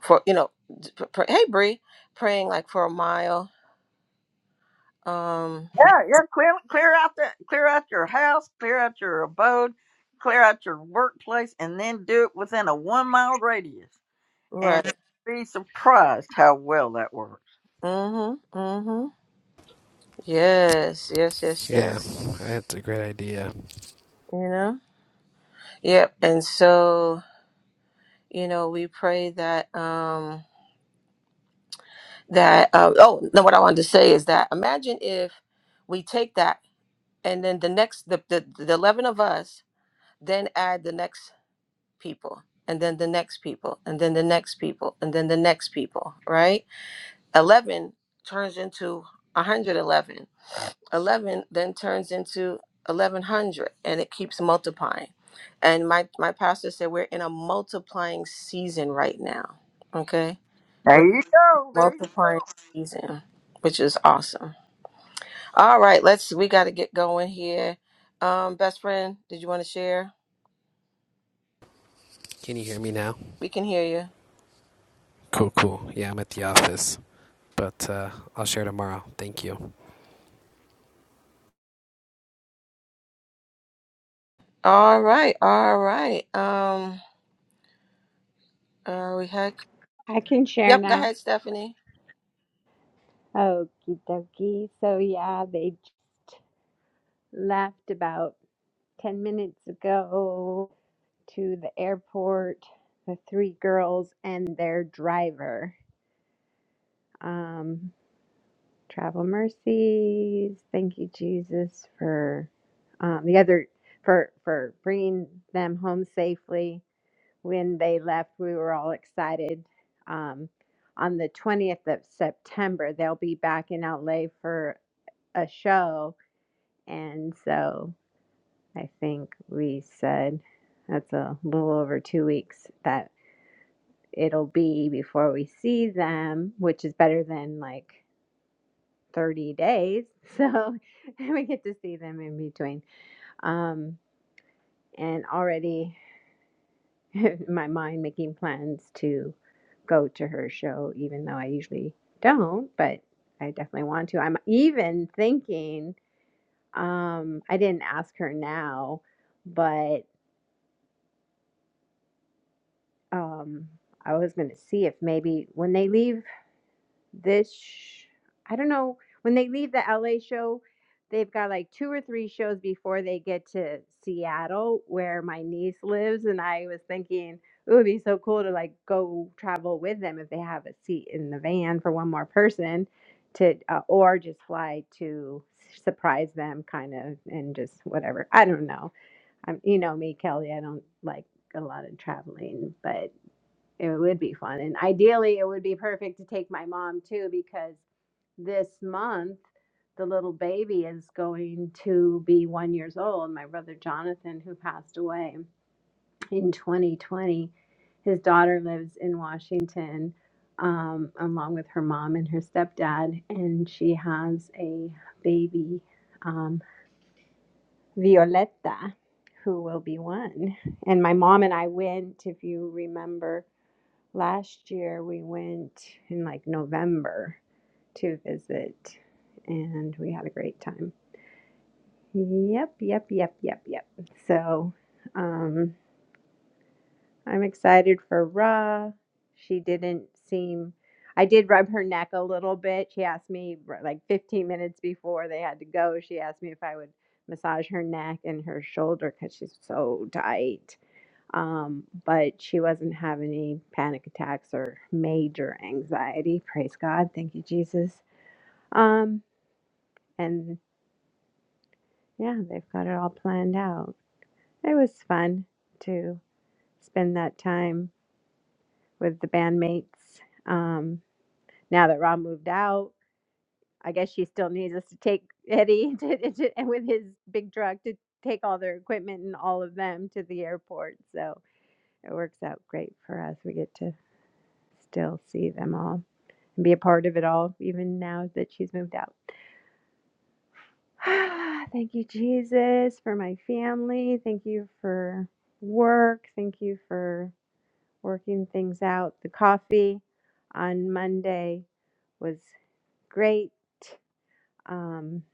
[SPEAKER 1] for you know, pr- pr- hey Bree, praying like for a mile. Um,
[SPEAKER 8] Yeah, yeah. Clear, clear out that, clear out your house, clear out your abode, clear out your workplace, and then do it within a one mile radius, and
[SPEAKER 1] right.
[SPEAKER 8] you'll be surprised how well that works.
[SPEAKER 1] Mm-hmm. Mm-hmm. Yes. Yes. Yes.
[SPEAKER 9] Yeah,
[SPEAKER 1] Yes.
[SPEAKER 9] that's a great idea.
[SPEAKER 1] You know. Yep. And so you know, we pray that. Um, that uh, oh no what i wanted to say is that imagine if we take that and then the next the, the the 11 of us then add the next people and then the next people and then the next people and then the next people right 11 turns into 111 11 eleven then turns into 1100 and it keeps multiplying and my my pastor said we're in a multiplying season right now okay
[SPEAKER 8] There
[SPEAKER 1] we're
[SPEAKER 8] you go. There you
[SPEAKER 1] multiplying season which is awesome All right, let's we got to get going here. Um best friend, did you want to share?
[SPEAKER 9] Can you hear me now?
[SPEAKER 1] We can hear you.
[SPEAKER 9] Cool, cool. Yeah, I'm at the office, but uh, I'll share tomorrow. Thank you.
[SPEAKER 1] All right. All right. Um uh we had
[SPEAKER 3] I can share
[SPEAKER 1] Yep, go
[SPEAKER 3] now.
[SPEAKER 1] ahead, Stephanie.
[SPEAKER 3] Okie dokie. So, yeah, they just left about 10 minutes ago to the airport, the three girls and their driver. Um, travel mercies. Thank you, Jesus, for um, the other for for bringing them home safely when they left, we were all excited. Um, on the 20th of September, they'll be back in LA for a show. And so I think we said that's a little over two weeks that it'll be before we see them, which is better than like 30 days. So we get to see them in between. Um, and already in my mind making plans to go to her show, even though I usually don't, but I definitely want to. I'm even thinking, um, I didn't ask her now, but um, I was going to see if maybe when they leave this sh- I don't know when they leave the LA show, they've got like two or three shows before they get to Seattle where my niece lives and I was thinking it would be so cool to like go travel with them if they have a seat in the van for one more person to uh, or just fly to surprise them kind of and just whatever. I don't know. I'm you know me Kelly, I don't like a lot of traveling, but. It would be fun. And ideally, it would be perfect to take my mom too, because this month, the little baby is going to be one years old. My brother Jonathan, who passed away in 2020, his daughter lives in Washington, um, along with her mom and her stepdad, and she has a baby, um, Violetta, who will be one. And my mom and I went, if you remember Last year we went in like November to visit and we had a great time. Yep, yep, yep, yep, yep. So um, I'm excited for Ra. She didn't seem, I did rub her neck a little bit. She asked me r- like 15 minutes before they had to go, she asked me if I would massage her neck and her shoulder because she's so tight um, but she wasn't having any panic attacks or major anxiety. Praise God. Thank you, Jesus. Um, and yeah, they've got it all planned out. It was fun to spend that time with the bandmates. Um, now that Rob moved out, I guess she still needs us to take Eddie to, to, and with his big truck to take all their equipment and all of them to the airport. So it works out great for us. We get to still see them all. and be a part of it all, even now that she's moved out. Thank you, Jesus, for my family. Thank you for work. Thank you for working things out. The coffee on Monday was great. Um,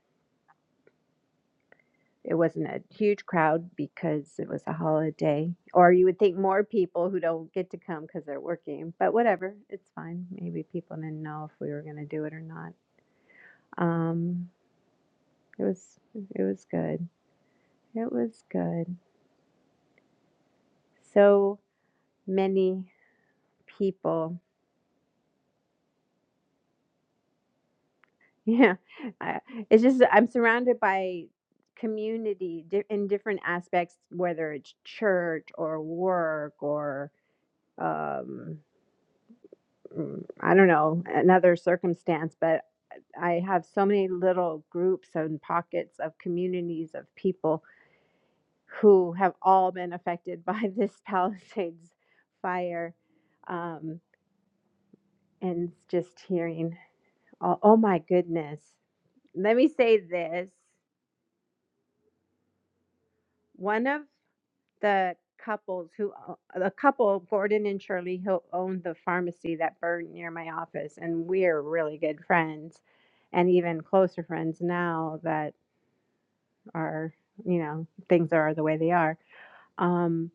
[SPEAKER 3] it wasn't a huge crowd because it was a holiday, or you would think more people who don't get to come because they're working, but whatever, it's fine. Maybe people didn't know if we were going to do it or not. Um, it was it was good. It was good. So many people. Yeah. I, it's just, I'm surrounded by community di- in different aspects, whether it's church or work or, um, mm, I don't know, another circumstance, but I have so many little groups and pockets of communities of people who have all been affected by this Palisades fire. Um, and just hearing Oh, oh my goodness. Let me say this. One of the couples who, o- a couple, Gordon and Shirley, who owned the pharmacy that burned near my office, and we're really good friends and even closer friends now that are, you know, things are the way they are. Um,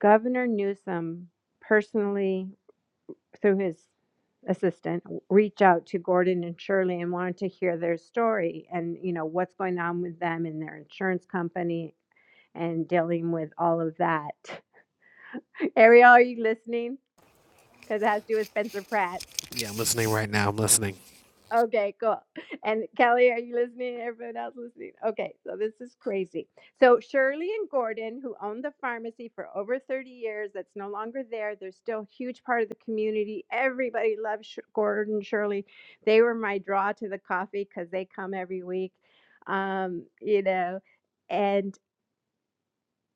[SPEAKER 3] Governor Newsom personally through his assistant reach out to Gordon and Shirley and wanted to hear their story and you know what's going on with them and their insurance company and dealing with all of that. Ariel, are you listening? Because it has to do with Spencer Pratt.
[SPEAKER 9] Yeah, I'm listening right now. I'm listening.
[SPEAKER 3] Okay, cool. And Kelly, are you listening? Everyone else listening? Okay, so this is crazy. So Shirley and Gordon, who owned the pharmacy for over 30 years, that's no longer there. They're still a huge part of the community. Everybody loves Sh- Gordon, Shirley. They were my draw to the coffee because they come every week. Um, you know, and.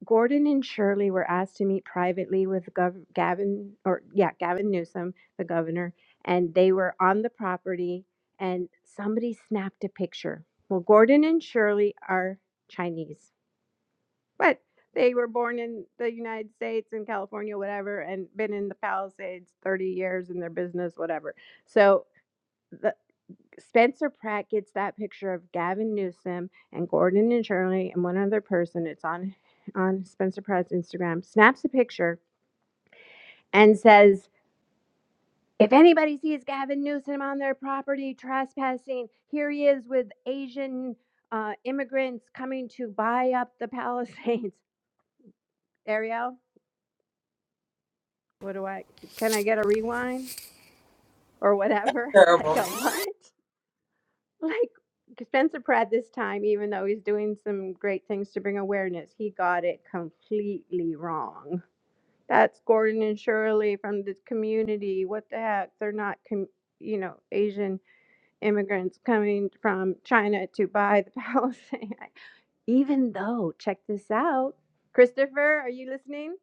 [SPEAKER 3] Gordon and Shirley were asked to meet privately with Gov- Gavin, or yeah, Gavin Newsom, the governor, and they were on the property and somebody snapped a picture. Well, Gordon and Shirley are Chinese, but they were born in the United States in California, whatever, and been in the Palisades 30 years in their business, whatever. So the. Spencer Pratt gets that picture of Gavin Newsom and Gordon and Shirley and one other person. It's on on Spencer Pratt's Instagram. Snaps a picture and says, "If anybody sees Gavin Newsom on their property trespassing, here he is with Asian uh, immigrants coming to buy up the Palisades." Ariel, what do I? Can I get a rewind or whatever? Like a what? like Spencer Pratt this time, even though he's doing some great things to bring awareness, he got it completely wrong. That's Gordon and Shirley from the community. What the heck? They're not, com- you know, Asian immigrants coming from China to buy the Palestine. even though, check this out, Christopher, are you listening?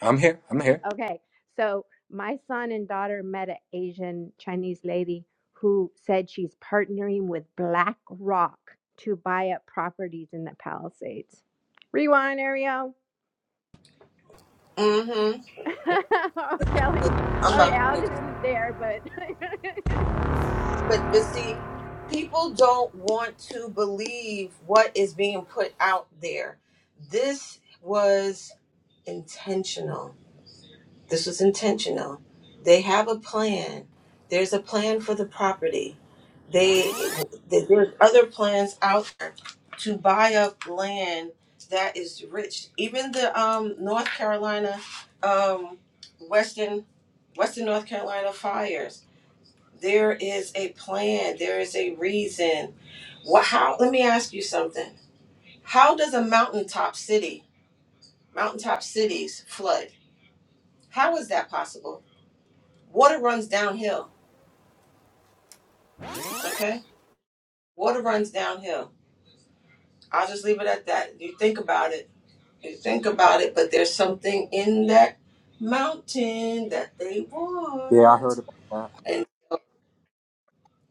[SPEAKER 4] I'm here. I'm here.
[SPEAKER 3] Okay, so my son and daughter met an Asian Chinese lady who said she's partnering with BlackRock to buy up properties in the Palisades. Rewind, Ariel.
[SPEAKER 1] Mm-hmm.
[SPEAKER 3] oh, Kelly.
[SPEAKER 1] I'm about
[SPEAKER 3] Okay,
[SPEAKER 1] to
[SPEAKER 3] I'll
[SPEAKER 1] get
[SPEAKER 3] just end it there, but
[SPEAKER 1] but but see, people don't want to believe what is being put out there. This was intentional. This was intentional. They have a plan. There's a plan for the property. They, there- there's other plans out there to buy up land that is rich. Even the um North Carolina, um Western Western North Carolina fires. There is a plan. There is a reason. What? How? Let me ask you something. How does a mountaintop city, mountaintop cities flood? How is that possible? Water runs downhill. Okay? Water runs downhill. I'll just leave it at that. You think about it. You think about it, but there's something in that mountain that they
[SPEAKER 4] Yeah, I heard
[SPEAKER 1] want.
[SPEAKER 4] about that.
[SPEAKER 1] And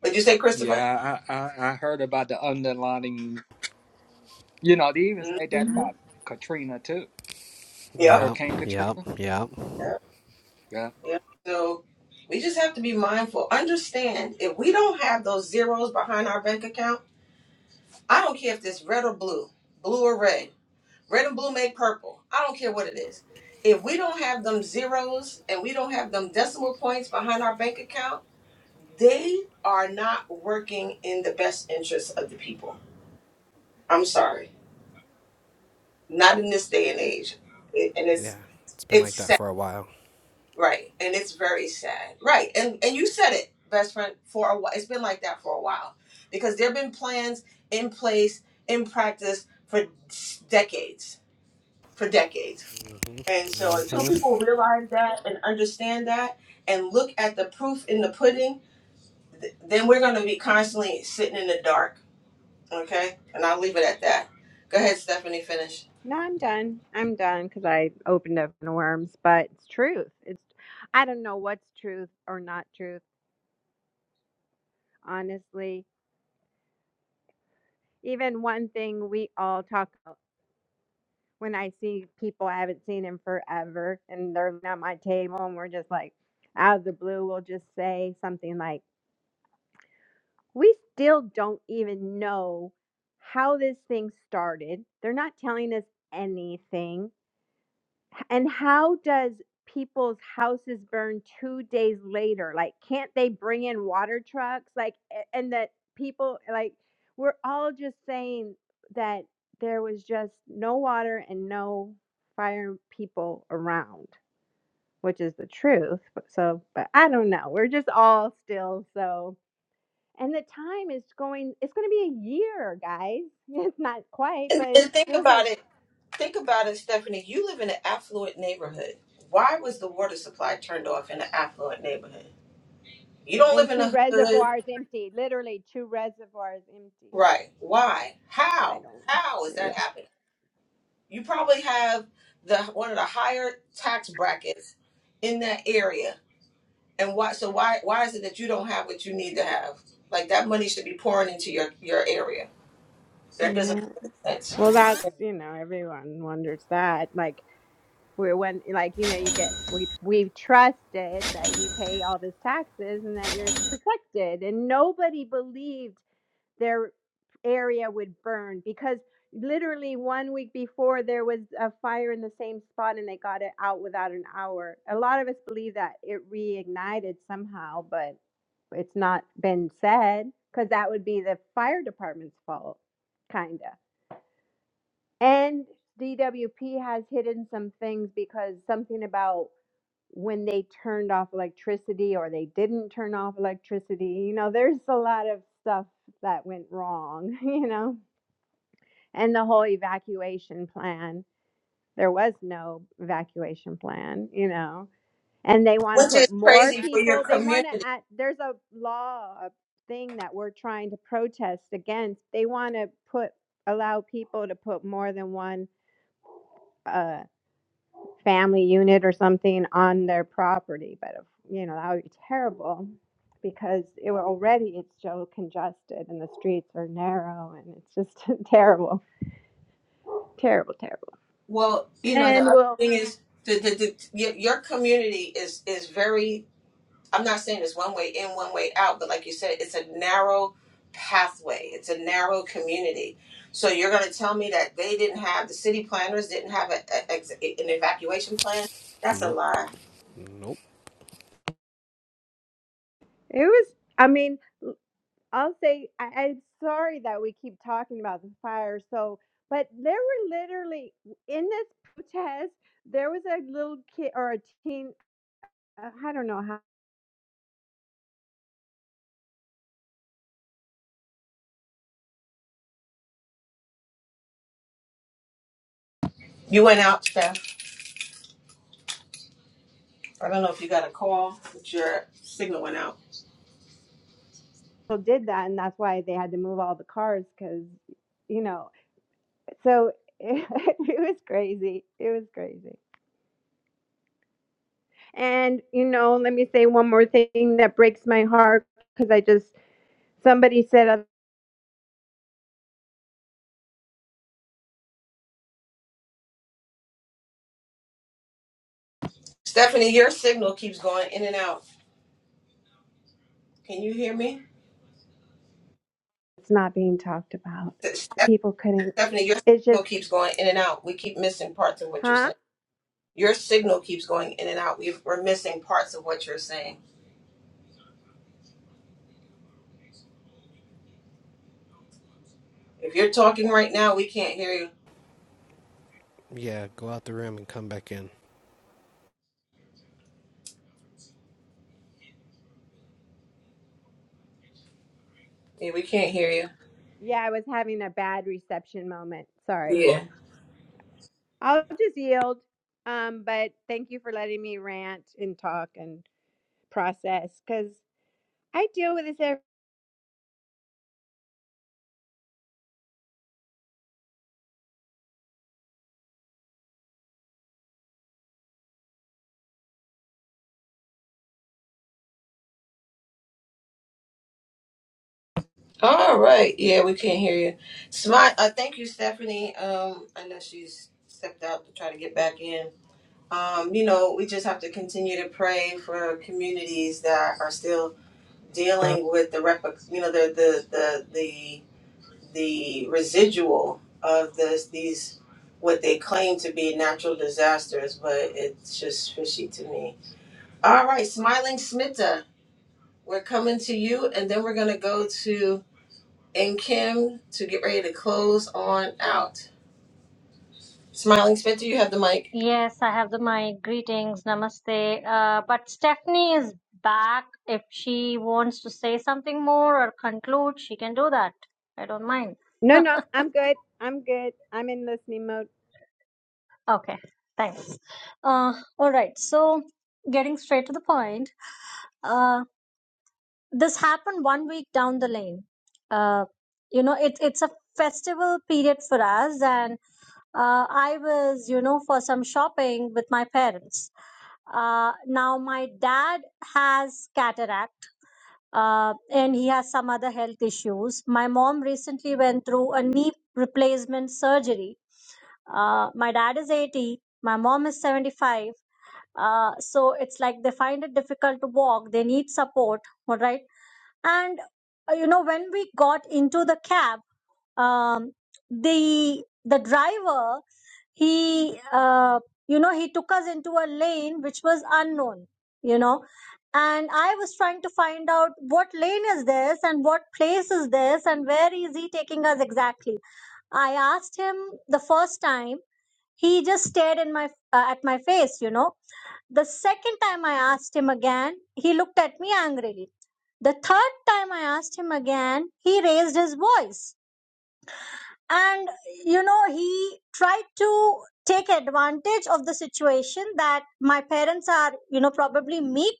[SPEAKER 1] did you say Christopher?
[SPEAKER 4] Yeah, I, I, I heard about the underlining. You know, they even said that
[SPEAKER 1] Mm-hmm.
[SPEAKER 4] about Katrina too,
[SPEAKER 1] Yep.
[SPEAKER 9] Yep,
[SPEAKER 4] Hurricane
[SPEAKER 9] yep,
[SPEAKER 4] Katrina.
[SPEAKER 9] yep.
[SPEAKER 1] Yep. Yep. So we just have to be mindful. Understand if we don't have those zeros behind our bank account, I don't care if it's red or blue, blue or red. Red and blue make purple. I don't care what it is. If we don't have them zeros and we don't have them decimal points behind our bank account, they are not working in the best interest of the people. I'm sorry. Not in this day and age. It, and
[SPEAKER 9] Yeah,
[SPEAKER 1] it's
[SPEAKER 9] it's been
[SPEAKER 1] it's
[SPEAKER 9] like that
[SPEAKER 1] sad,
[SPEAKER 9] for a while.
[SPEAKER 1] right? And it's very sad. Right. And and you said it, best friend, for a while. It's been like that for a while. Because there've been plans in place, in practice for s- decades, for decades
[SPEAKER 9] hmm
[SPEAKER 1] And so until
[SPEAKER 9] hmm
[SPEAKER 1] people realize that and understand that and look at the proof in the pudding, th- then we're going to be constantly sitting in the dark. Okay? And I'll leave it at that. Go ahead, Stephanie, finish.
[SPEAKER 3] no, I'm done. I'm done because I opened up the worms, but it's truth. It's I don't know what's truth or not truth, honestly. Even one thing we all talk when I see people I haven't seen in forever and they're at my table and we're just like out of the blue, we'll just say something like, We still don't even know how this thing started. They're not telling us anything and how does people's houses burn two days later? Like, can't they bring in water trucks? Like, a- and that people, like, we're all just saying that there was just no water and no fire people around, which is the truth. But so, but I don't know. We're just all still so. And the time is going, it's going to be a year, guys. It's not quite,
[SPEAKER 1] And,
[SPEAKER 3] but it
[SPEAKER 1] and think
[SPEAKER 3] feels like.
[SPEAKER 1] about it. Think about it, Stephanie. You live in an affluent neighborhood. Why was the water supply turned off in an affluent neighborhood? You don't live
[SPEAKER 3] And
[SPEAKER 1] in
[SPEAKER 3] two
[SPEAKER 1] a hood.
[SPEAKER 3] reservoirs empty, literally two reservoirs empty.
[SPEAKER 1] Right. Why?
[SPEAKER 3] I
[SPEAKER 1] How?
[SPEAKER 3] don't.
[SPEAKER 1] How is
[SPEAKER 3] Yeah.
[SPEAKER 1] that happening? You probably have the one of the higher tax brackets in that area And why? So why? Why is it that you don't have what you need to have? Like that money should be pouring into your your area. That doesn't
[SPEAKER 3] Yeah.
[SPEAKER 1] make any sense.
[SPEAKER 3] Well, that's, you know, everyone wonders that. Like, we're when, like, you know, you get, we, we've trusted that you pay all these taxes and that you're protected. And nobody believed their area would burn because literally one week before there was a fire in the same spot and they got it out without an hour. A lot of us believe that it reignited somehow, but it's not been said because that would be the fire department's fault, kind of. And DWP has hidden some things because something about when they turned off electricity or they didn't turn off electricity. You know, there's a lot of stuff that went wrong, you know. And the whole evacuation plan, there was no evacuation plan, you know. And they want to
[SPEAKER 1] Which is
[SPEAKER 3] put more
[SPEAKER 1] crazy for your
[SPEAKER 3] people, they want
[SPEAKER 1] community.
[SPEAKER 3] to add, there's a law, a thing that we're trying to protest against. They want to put, allow people to put more than one uh. family unit or something on their property. But, if- you know, that would be terrible because it were already it's so congested and the streets are narrow and it's just terrible, terrible, terrible.
[SPEAKER 1] Well, you know the
[SPEAKER 3] And
[SPEAKER 1] other
[SPEAKER 3] well,
[SPEAKER 1] thing is the the, the your, your community is is very. I'm not saying it's one way in, one way out, but like you said, it's a narrow pathway. It's a narrow community. So you're going to tell me that they didn't have the city planners didn't have a, a, ex- an evacuation plan? That's a
[SPEAKER 9] Nope.
[SPEAKER 1] lie.
[SPEAKER 9] Nope.
[SPEAKER 3] it was, I mean, I'll say, I, I'm sorry that we keep talking about the fire. So, but there were literally in this protest, there was a little kid or a teen, uh, I don't know how
[SPEAKER 1] You went out, Steph. I don't know if you got a call, but your signal went out.
[SPEAKER 3] people did that. And that's why they had to move all the cars because you know, so it, was crazy. It was crazy. And you know, let me say one more thing that breaks my heart because I just somebody said uh,
[SPEAKER 1] Stephanie, your signal keeps going in and out. Can you hear me?
[SPEAKER 3] it's not being talked about.
[SPEAKER 1] Ste-
[SPEAKER 3] People couldn't.
[SPEAKER 1] Stephanie, your
[SPEAKER 3] It's
[SPEAKER 1] signal
[SPEAKER 3] just,
[SPEAKER 1] keeps going in and out. We keep missing parts of what you're
[SPEAKER 3] huh?
[SPEAKER 1] saying. Your signal keeps going in and out. We've, we're missing parts of what you're saying. If you're talking right now, we can't hear you.
[SPEAKER 9] Yeah, go out the room and come back in.
[SPEAKER 1] Yeah, we can't hear you.
[SPEAKER 3] Yeah, I was having a bad reception moment. Sorry.
[SPEAKER 1] Yeah.
[SPEAKER 3] I'll just yield. Um, but thank you for letting me rant and talk and process because I deal with this every.
[SPEAKER 1] All right. Yeah, we can't hear you. Smart. Uh, thank you, Stephanie. Um, I know she's stepped out to try to get back in. um, you know, we just have to continue to pray for communities that are still dealing with the rep- you know, the the the the, the residual of this these what they claim to be natural disasters, but it's just fishy to me. All right, smiling Smitta, we're coming to you, and then we're gonna go to and Kim to get ready to close on out. Smiling Smitta, you have the mic.
[SPEAKER 10] Yes, I have the my greetings, namaste. Uh, but Stephanie is back. If she wants to say something more or conclude, she can do that. I don't mind.
[SPEAKER 3] No, no, I'm good. I'm good. I'm in listening mode.
[SPEAKER 10] Okay, thanks. Uh, all right. So, getting straight to the point. uh, this happened one week down the lane. Uh, you know, it's it's a festival period for us, and uh, I was, you know, for some shopping with my parents. Uh, now my dad has cataract, uh, and he has some other health issues. My mom recently went through a knee replacement surgery. Uh, my dad is 80, my mom is 75 uh, so it's like they find it difficult to walk they need support all right and uh, you know when we got into the cab um, the the driver he uh, you know he took us into a lane which was unknown you know and i was trying to find out what lane is this and what place is this and where is he taking us exactly i asked him the first time he just stared in my uh, at my face you know the second time I asked him again, he looked at me angrily. The third time I asked him again, he raised his voice. And, you know, he tried to take advantage of the situation that my parents are, you know, probably meek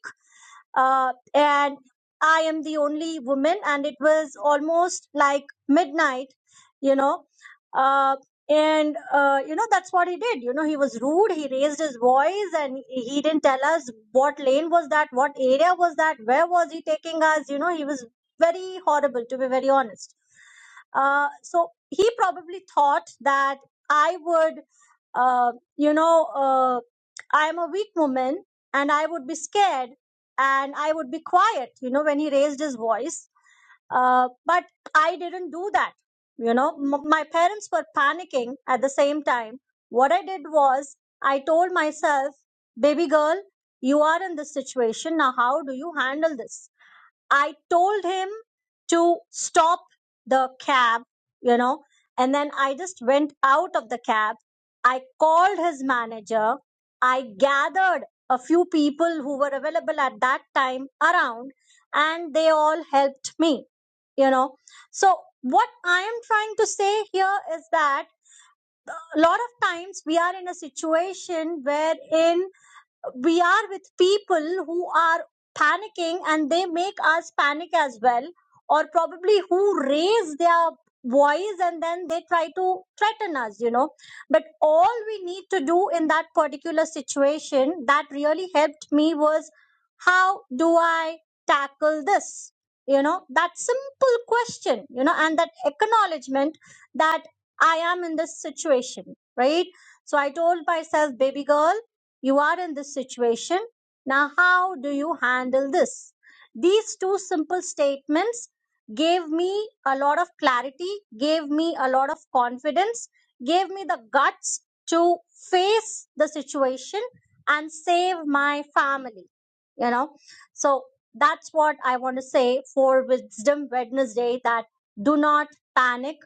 [SPEAKER 10] uh, and I am the only woman, and it was almost like midnight, you know. Uh, and uh, you know that's what he did. You know he was rude. He raised his voice, and he didn't tell us what lane was that, what area was that, where was he taking us. You know he was very horrible, to be very honest. Uh, so he probably thought that I would, uh, you know, uh, I am a weak woman and I would be scared and I would be quiet, you know, when he raised his voice. Uh, but I didn't do that. You know, M- my parents were panicking at the same time. What I did was, I told myself, baby girl, you are in this situation. Now, how do you handle this? I told him to stop the cab, you know, and then I just went out of the cab. I called his manager. I gathered a few people who were available at that time around, and they all helped me, you know. So, what I am trying to say here is that a lot of times we are in a situation wherein we are with people who are panicking and they make us panic as well or probably who raise their voice and then they try to threaten us you know but all we need to do in that particular situation that really helped me was how do i tackle this you know that simple question you know and that acknowledgement that i am in this situation right so i told myself baby girl you are in this situation. Now, how do you handle this? These two simple statements gave me a lot of clarity, gave me a lot of confidence, gave me the guts to face the situation and save my family. You know, so that's what I want to say for Wisdom Wednesday that do not panic.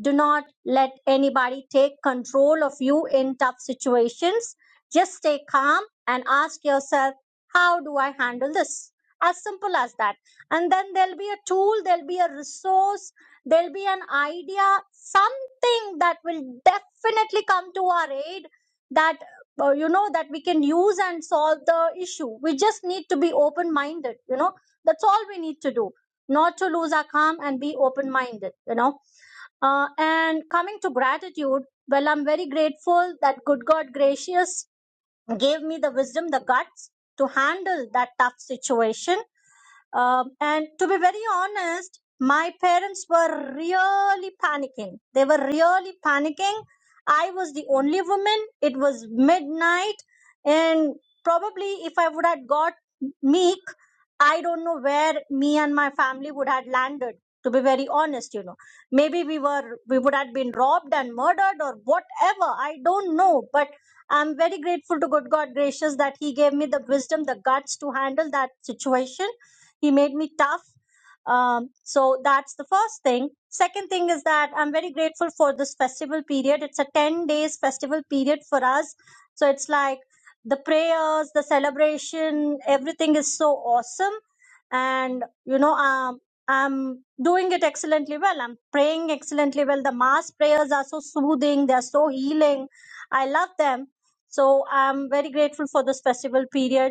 [SPEAKER 10] Do not let anybody take control of you in tough situations just stay calm and ask yourself, how do I handle this? As simple as that. And then there'll be a tool, there'll be a resource, there'll be an idea, something that will definitely come to our aid that, uh, you know, that we can use and solve the issue. We just need to be open minded, you know. That's all we need to do. Not to lose our calm and be open minded, you know. Uh, and coming to gratitude, well, I'm very grateful that good God gracious gave me the wisdom, the guts to handle that tough situation um, and to be very honest, my parents were really panicking. They were really panicking. I was the only woman. It was midnight. And probably if I would have got meek, I don't know where me and my family would have landed. To be very honest, you know, maybe we were, we would have been robbed and murdered or whatever. I don't know. But I'm very grateful to good God gracious that He gave me the wisdom, the guts to handle that situation he made me tough. Um, so that's the first thing. Second thing is that I'm very grateful for this festival period. It's a 10 days festival period for us. So it's like the prayers, the celebration, everything is so awesome. And, you know, um, I'm doing it excellently well. I'm praying excellently well. The mass prayers are so soothing. They're so healing. I love them. So I'm very grateful for this festival period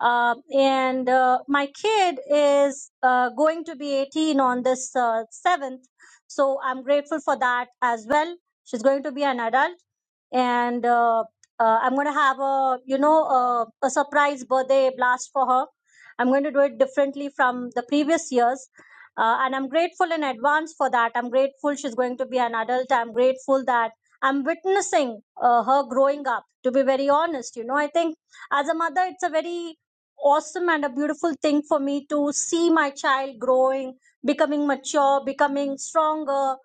[SPEAKER 10] uh, and uh, my kid is uh, going to be 18 on this uh, 7th. So I'm grateful for that as well. She's going to be an adult and uh, uh, I'm going to have a you know a, a surprise birthday blast for her. I'm going to do it differently from the previous years, uh, and I'm grateful in advance for that. I'm grateful she's going to be an adult. I'm grateful that I'm witnessing uh, her growing up. To be very honest, you know, I think as a mother, it's a very awesome and a beautiful thing for me to see my child growing becoming mature becoming stronger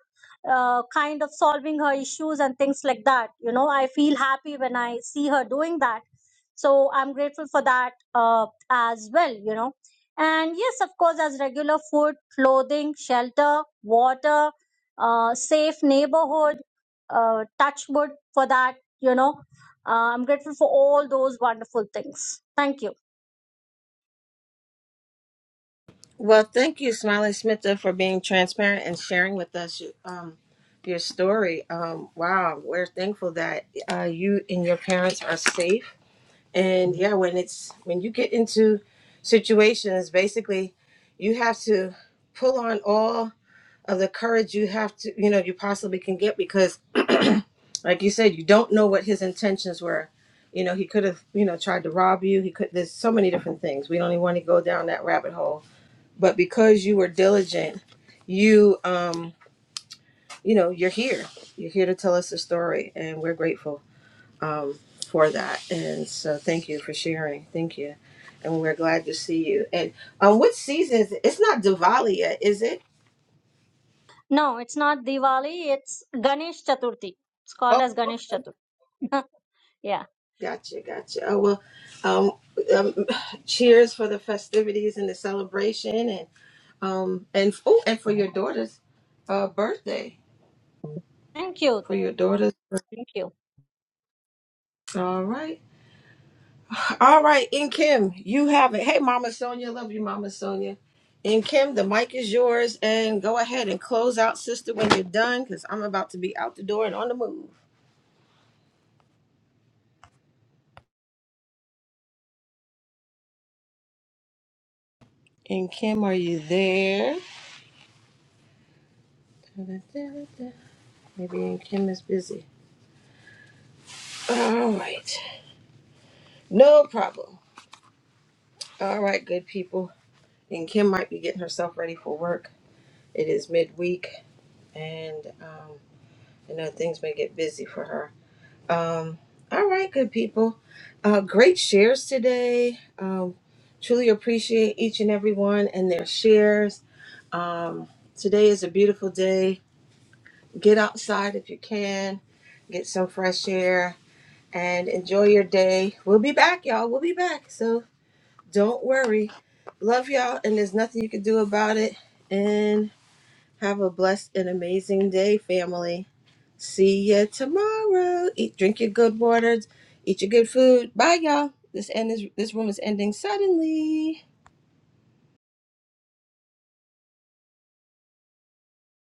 [SPEAKER 10] uh, kind of solving her issues and things like that. You know, I feel happy when I see her doing that. So I'm grateful for that uh, as well, you know. And yes, of course, as regular food, clothing, shelter, water, uh, safe neighborhood, uh, touch wood for that, you know. Uh, I'm grateful for all those wonderful things. Thank you.
[SPEAKER 1] Well, thank you, Smiley Smitha, for being transparent and sharing with us um, your story. Um, wow, we're thankful that uh, you and your parents are safe. And yeah, when it's when you get into situations, basically, you have to pull on all of the courage you have to, you know, you possibly can get because, like you said, you don't know what his intentions were. You know, he could have, you know, tried to rob you. He could. There's so many different things. We don't even want to go down that rabbit hole but because you were diligent you um you know you're here you're here to tell us the story and we're grateful um for that and so thank you for sharing thank you and we're glad to see you and um what season is it? it's not diwali yet is it
[SPEAKER 10] No, it's not Diwali, it's Ganesh Chaturthi. It's called
[SPEAKER 1] oh
[SPEAKER 10] as
[SPEAKER 1] okay.
[SPEAKER 10] Ganesh Chaturthi. yeah.
[SPEAKER 1] gotcha gotcha oh well um, um cheers for the festivities and the celebration and um and oh and for your daughter's uh birthday
[SPEAKER 10] Thank you.
[SPEAKER 1] for your daughter's
[SPEAKER 10] Thank you.
[SPEAKER 1] all right All right, and Kim, you have it. Hey, Mama Sonia, love you, Mama Sonia. And Kim, the mic is yours, and go ahead and close out, sister, when you're done, because I'm about to be out the door and on the move. And Kim, are you there? Maybe and Kim is busy. All right, no problem. All right, good people. And Kim might be getting herself ready for work. It is midweek, and um, I know things may get busy for her. Um, all right, good people. Uh, great shares today. Um, truly appreciate each and every one and their shares. Um, today is a beautiful day. Get outside if you can, get some fresh air, and enjoy your day. We'll be back, y'all. We'll be back. So don't worry. Love y'all, and there's nothing you can do about it. And have a blessed and amazing day, family. See ya tomorrow. Eat, drink your good waters, eat your good food. Bye, y'all. This end is this room is ending suddenly.